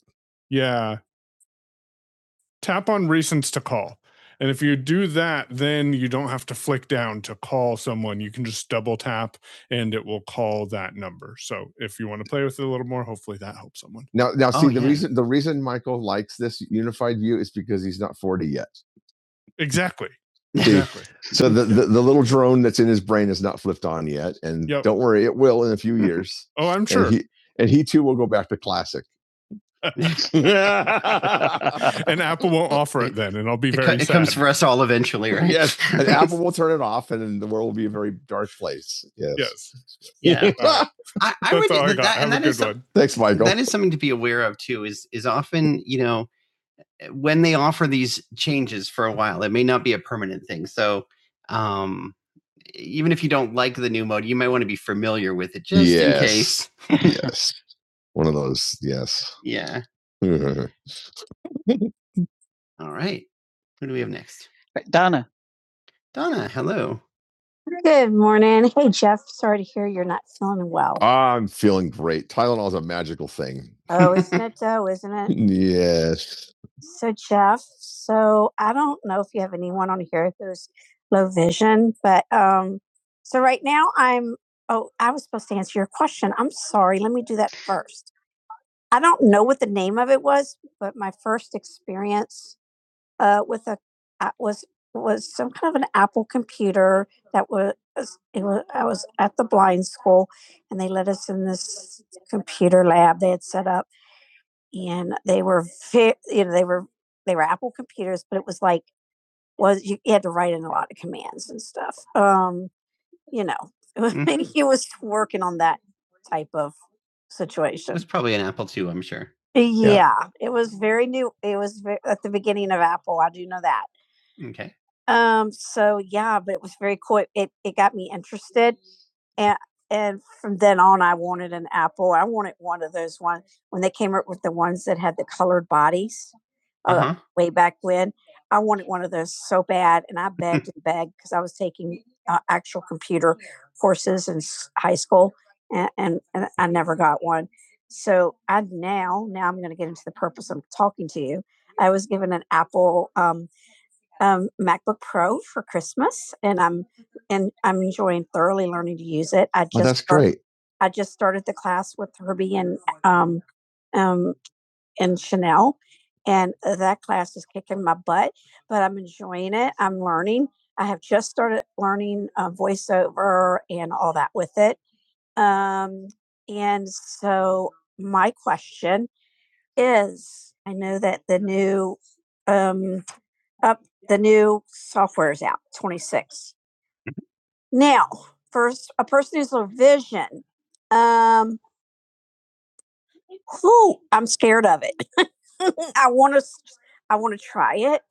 Speaker 1: I hope someone Now, now, see Oh, the yeah. reason the reason Michael likes this unified view is because he's not forty yet. exactly exactly. so the, the the little drone that's in his brain is not flipped on yet, and Yep. don't worry, it will in a few years. Oh, I'm sure. And he, and he too will go back to classic. and Apple won't offer it then, and I'll be very It, co- very it comes for us all eventually, right? yes, and Apple will turn it off, and the world will be a very dark place. Yes. yes, Yeah. uh, I, I that's would, all I that, got. that, Have and a good some- one. Thanks, Michael. that is something to be aware of too is is often you know when they offer these changes for a while it may not be a permanent thing so um even if you don't like the new mode you might want to be familiar with it just yes. in Yes. case yes. One of those. Yes. yeah All right. Who do we have next? Right, Donna. Donna, hello. Good morning. Hey, Jeff. Sorry to hear you're not feeling well. I'm feeling great. Tylenol is a magical thing. Oh, isn't it though? Isn't it? Yes. So, Jeff, so I don't know if you have anyone on here who's low vision, but um, so right now I'm, oh, I was supposed to answer your question. I'm sorry. Let me do that first. I don't know what the name of it was, but my first experience uh, with a a- was was some kind of an Apple computer that was it was I was at the blind school, and they let us in this computer lab they had set up, and they were ve- you know they were they were Apple computers, but it was like was you, you had to write in a lot of commands and stuff. Um, you know, Mhm. he was working on that type of It situation. was situation. probably an Apple II, I'm sure. Yeah, Yeah, it was very new. It was ve- at the beginning of Apple. I do know that. Okay. Um, so yeah, but it was very cool. It it it got me interested, and and from then on, I wanted an apple. I wanted one of those one when they came up with the ones that had the colored bodies, uh, Uh-huh. way back when. I wanted one of those so bad, and I begged and begged because I was taking uh, actual computer courses in s- high school, and, and and I never got one. So I now now I'm going to get into the purpose I'm talking to you. I was given an Apple um, um, MacBook Pro for Christmas, and I'm and I'm enjoying thoroughly learning to use it. I just Well, that's started- great. I just started the class with Herbie and um, um, and Chanel, and uh, that class is kicking my butt. But I'm enjoying it. I'm learning. I have just started learning uh, voiceover and all that with it. Um, and so my question is, I know that the new um, up, the new software is out, 26. Now, first, a person who's a vision. Um, who I'm scared of it. I want to, I want to try it,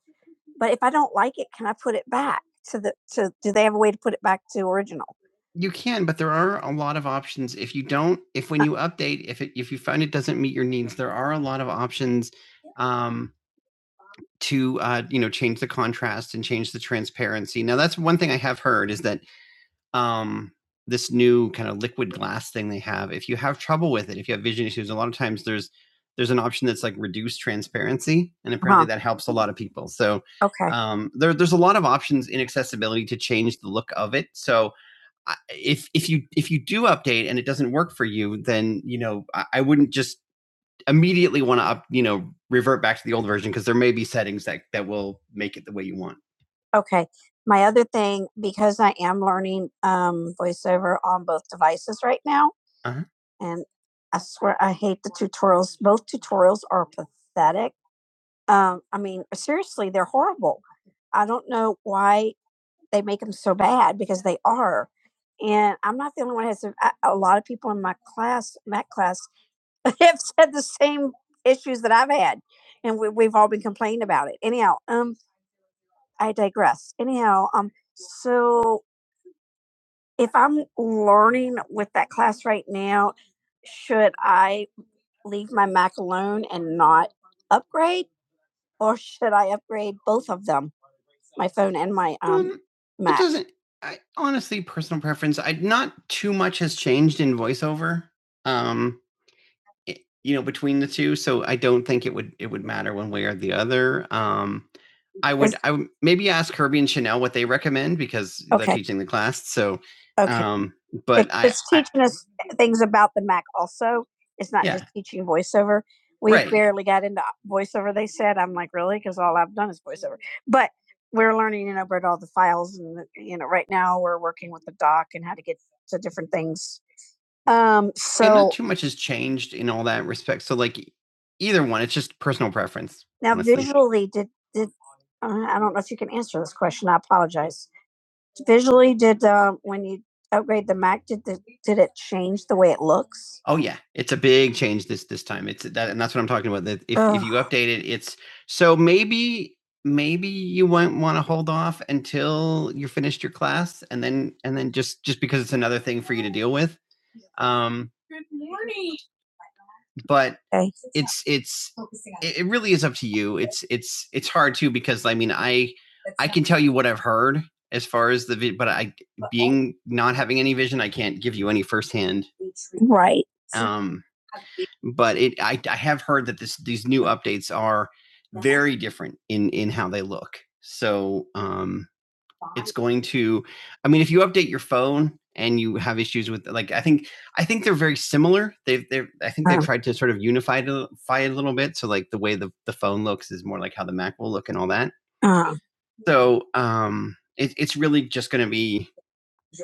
Speaker 1: but if I don't like it, can I put it back to the to? Do they have a way to put it back to original? You can, but there are a lot of options. If you don't, if when you update, if it if you find it doesn't meet your needs, there are a lot of options um, to uh, you know change the contrast and change the transparency. Now that's one thing I have heard is that um, this new kind of liquid glass thing they have. If you have trouble with it, if you have vision issues, a lot of times there's there's an option that's like reduced transparency, and apparently Uh-huh. that helps a lot of people. So Okay. um, there, there's a lot of options in accessibility to change the look of it. So if if you if you do update and it doesn't work for you, then you know I, I wouldn't just immediately want to up, you know, revert back to the old version because there may be settings that that will make it the way you want. Okay. My other thing, because I am learning um, voiceover on both devices right now, Uh-huh. and I swear I hate the tutorials. Both tutorials are pathetic. Um, I mean, seriously, they're horrible. I don't know why they make them so bad because they are. And I'm not the only one. who Has a, a lot of people in my class, Mac class, have said the same issues that I've had, and we, we've all been complaining about it. Anyhow, um, I digress. Anyhow, um, so if I'm learning with that class right now, should I leave my Mac alone and not upgrade, or should I upgrade both of them, my phone and my um Um, it Mac? doesn't. I honestly, personal preference. I not too much has changed in voiceover. Um, i you know, between the 2, so I don't think it would it would matter one way or the other. Um, I would Is I would maybe ask Kirby and Chanel what they recommend because they're Okay. teaching the class, so, Okay. um, but I it's I teaching us things about the Mac also. It's not Yeah. just yeah, teaching voiceover. We Right. barely got into voiceover, they said. I'm like, really? Because all I've done is voiceover. But we're learning, you know, about all the files. And, you know, right now we're working with the doc and how to get to different things um, And so And not too much has changed in all that respect. So like e- either one, it's just personal preference. now honestly. visually, did did uh, I don't know if you can answer this question. I apologize. Visually, did um, when you upgrade the Mac, did the, did it change the way it looks? Oh yeah, it's a big change this this time. It's that, and that's what I'm talking about. That if if Ugh. you update it, it's so maybe maybe you won't want to hold off until you finished your class, and then and then just just because it's another thing for you to deal with. Um, but Okay. it's it's it really is up to you. It's it's it's hard too because I mean I I can tell you what I've heard as far as the vi- but I being not having any vision I can't give you any firsthand. Right. Um, but it I I have heard that this these new updates are very different in in how they look. So um it's going to i mean if you update your phone and you have issues with like i think i think they're very similar they've they're i think they've uh tried to sort of unify to- fy it a little bit so like the way the, the phone looks is more like how the mac will look and all that Uh, so um it, it's really just going to be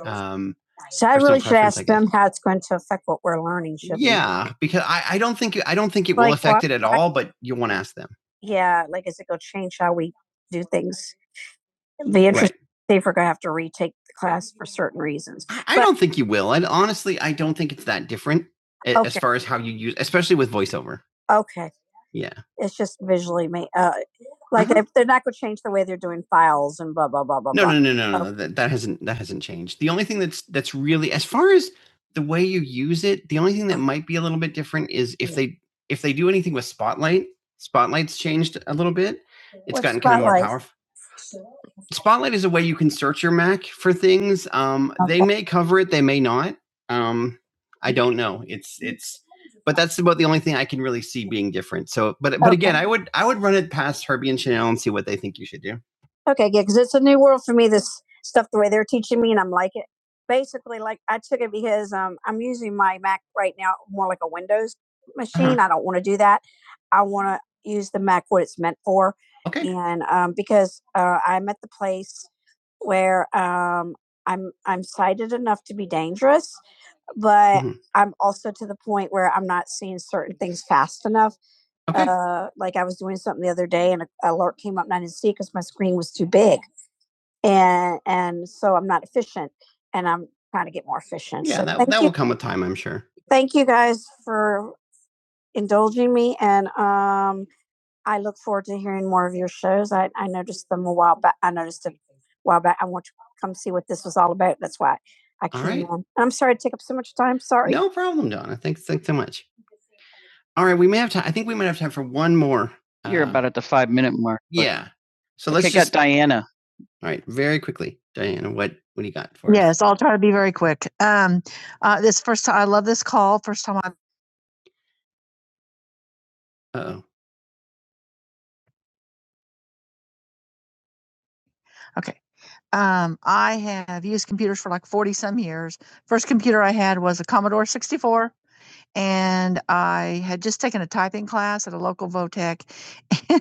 Speaker 1: um so I Personal really should preference, I ask guess. them how it's going to affect what we're learning. Should yeah because i i don't think i don't think it will Like affect what? it at all but you want to ask them Yeah. Like, is it going to change how we do things? The interest, Right. if we're going to have to retake the class for certain reasons. I, I But- don't think you will. And honestly, I don't think it's that different a- as Okay. far as how you use, especially with voiceover. Okay. Yeah. It's just visually made. Uh, like Uh-huh. they- they're not going to change the way they're doing files and blah blah blah blah No, blah. no, no, no, Oh. no. Oh. That, that hasn't that hasn't changed. The only thing that's that's really as far as the way you use it, the only thing that might be a little bit different is if Yeah. they if they do anything with Spotlight. Spotlight's changed a little bit. It's What's gotten kind of more powerful. Spotlight is a way you can search your Mac for things. Um, okay. they Okay. may cover it, they may not. Um, I don't know. It's it's, but that's about the only thing I can really see being different. So, but but okay. again, Okay. I would I would run it past Herbie and Chanel and see what they think you should do. Okay, yeah, because it's a new world for me. This stuff, the way they're teaching me, and I'm like it. Basically, like I took it because um, I'm using my Mac right now more like a Windows machine. Uh-huh. I don't want to do that. I want to use the Mac what it's meant for. Okay. and um, because uh, I'm at the place where um, I'm I'm sighted enough to be dangerous, but Mhm. I'm also to the point where I'm not seeing certain things fast enough. Okay. Uh, like I was doing something the other day, and an alert came up, and I didn't see because my screen was too big, and and so I'm not efficient, and I'm trying to get more efficient. yeah, so that, thank that you, will you, come with time, I'm sure. thank you guys for indulging me, and um, I look forward to hearing more of your shows. I, I noticed them a while back. I noticed it a while back. I want you to come see what this was all about. That's why I came right. on. I'm sorry to take up so much time. Sorry. No problem, Donna. Thanks, thanks so much. All right, we may have time. I think we might have time for one more. You're uh, about at the five minute mark. Yeah. So Okay, let's got just. up Diana. All right, very quickly, Diana. What what do you got for us? Yes, I'll Oh, I had just taken a typing class at a local Votech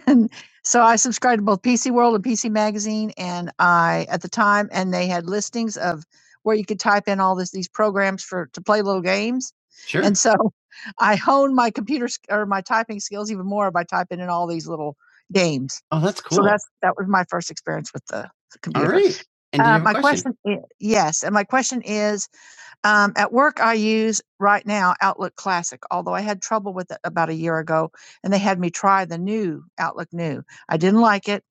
Speaker 1: And so I subscribed to both PC World and PC Magazine, and I at the time, and they had listings of where you could type in all this these programs for to play little games. Sure. And so I honed my computer or my typing skills even more by typing in all these little games. oh, that's cool. So that's that was my first experience with the, the computer. All right. And do you Uh, have a my a question? question? i- yes, and my question is: um, at work, I use right now Outlook Classic, although I had trouble with it about a year ago, and they had me try the new Outlook New. I didn't like it.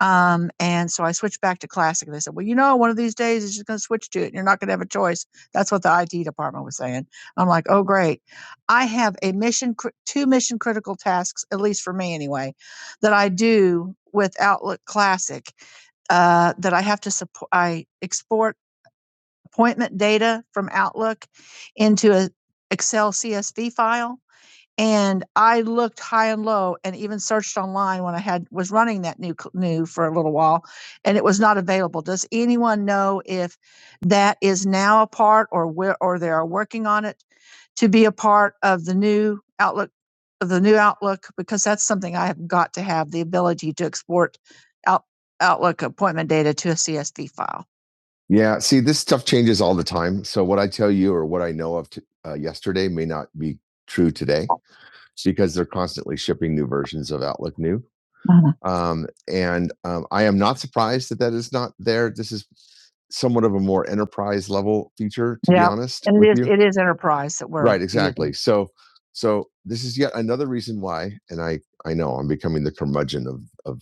Speaker 1: Um, and so I switched back to Classic. They said, Well, you know, one of these days it's just going to switch to it and you're not going to have a choice. That's what the IT department was saying. I'm like, Oh, great. I have a mission, two mission critical tasks, at least for me anyway, that I do with Outlook Classic uh, that I have to support. I export appointment data from Outlook into a, and, and even searched online when I had, was running that new, new for a little while, and it was not available. Does anyone know if that is now a part or where, or they are working on it to be a part of the new Outlook, of the new Outlook? Because that's something I have got to have the ability to export out, Outlook appointment data to a CSV file. Yeah, see, this stuff changes all the time. So what I tell you or what I know of t- uh, yesterday may not be true today. because they're constantly shipping new versions of Outlook New. Uh-huh. Um, and um, I am not surprised that that is not there. This is somewhat of a more enterprise level feature, to Yeah, be honest And it is, it is enterprise that we're Right, exactly. Using. So, so this is yet another reason why, and I I know I'm becoming the curmudgeon of of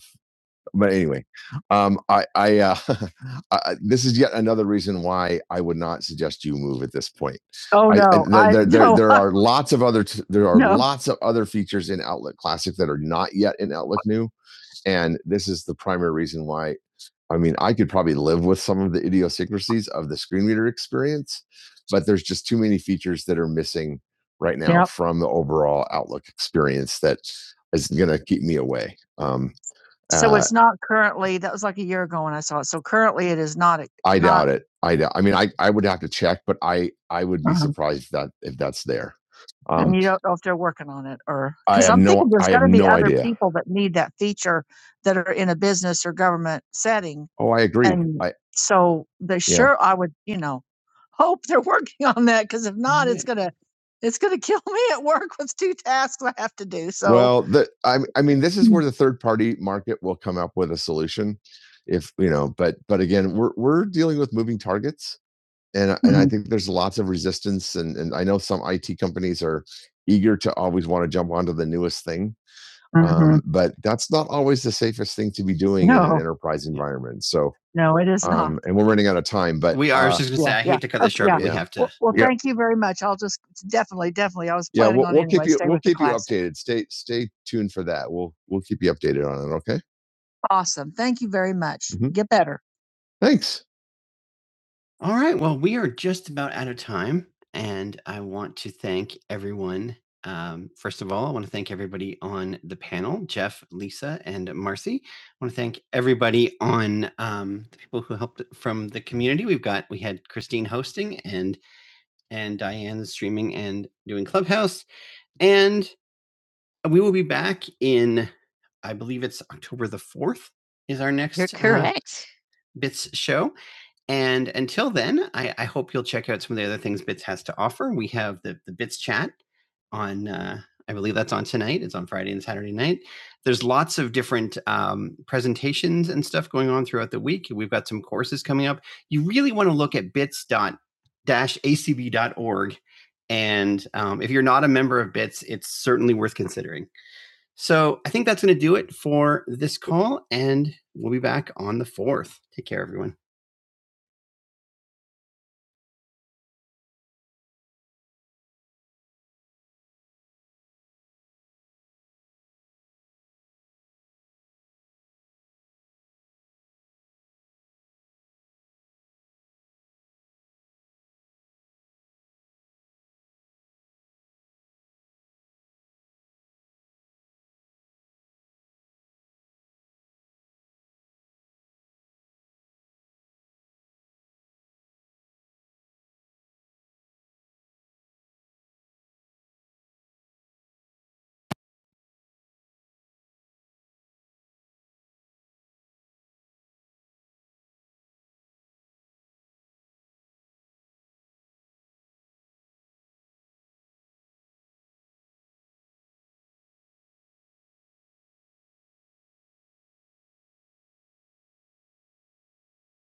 Speaker 1: but anyway, um, I, I, uh, I, this is yet another reason why I would not suggest you move at this point. Oh I- no, I, I- there, there, no, there are lots of other t- there are No. lots of other features in Outlook Classic that are not yet in Outlook New, and this is the primary reason why. I mean, I could probably live with some of the idiosyncrasies of the screen reader experience, but there's just too many features that are missing right now Yep. from the overall Outlook experience that is going to keep me away. Um, so Uh it's not currently that was like a year ago when I saw it. So currently it is not a I not doubt Not. it. I doubt I mean, I I would have to check, but I I would be uh surprised if that if that's there. Um, And Um you don't know if they're working on it or I because have I'm no thinking there's I got have gotta be no other idea. people that need that feature that are in a business or government setting. Oh, I agree. And I so they Yeah. sure I would, you know hope they're working on that because if not, Yeah. it's gonna it's gonna kill me at work with two tasks I have to do. So well, the, I, I mean, this is where the third party market will come up with a solution, if you know. But but again, we're we're dealing with moving targets, and I- and I think there's lots of resistance, and and I know some IT companies are eager to always want to jump onto the newest thing, hmm Um, but that's not always the safest thing to be doing no. in an No, enterprise environment. So, no, it is um, not. um, and we're running out of time, but We are. Uh, I was uh, just gonna Yeah, say I yeah, hate to cut oh, this short, yeah. but we yeah, have to. Well, well, yeah, thank you very much. I'll just definitely, definitely. I was yeah. planning yeah, We'll, on we'll anyway, keep anyway. you. We'll keep you updated. Stay stay tuned for that. We'll we'll keep you updated on it. Okay. Awesome. Thank you very much. Mhm. Get better. Thanks. All right. Well, we are just about out of time. And I want to thank everyone. Um, first of all, I want to thank everybody on the panel Jeff, Lisa, and Marcy. I want to thank everybody on um, the people who helped from the community. We've got, we had Christine hosting and, and Diane streaming and doing Clubhouse. And we will be back in, I believe it's October the 4th is our You're next uh, correct. Bits show. And until then, I, I hope you'll check out some of the other things Bits has to offer. We have the, the Bits chat on, uh, I believe that's on tonight. It's on Friday and Saturday night. There's lots of different um, presentations and stuff going on throughout the week. We've got some courses coming up. You really want to look at bits acb dot org, And um, if you're not a member of Bits, it's certainly worth considering. So I think that's going to do it for this call, and we'll be back on the 4th. Take care, everyone.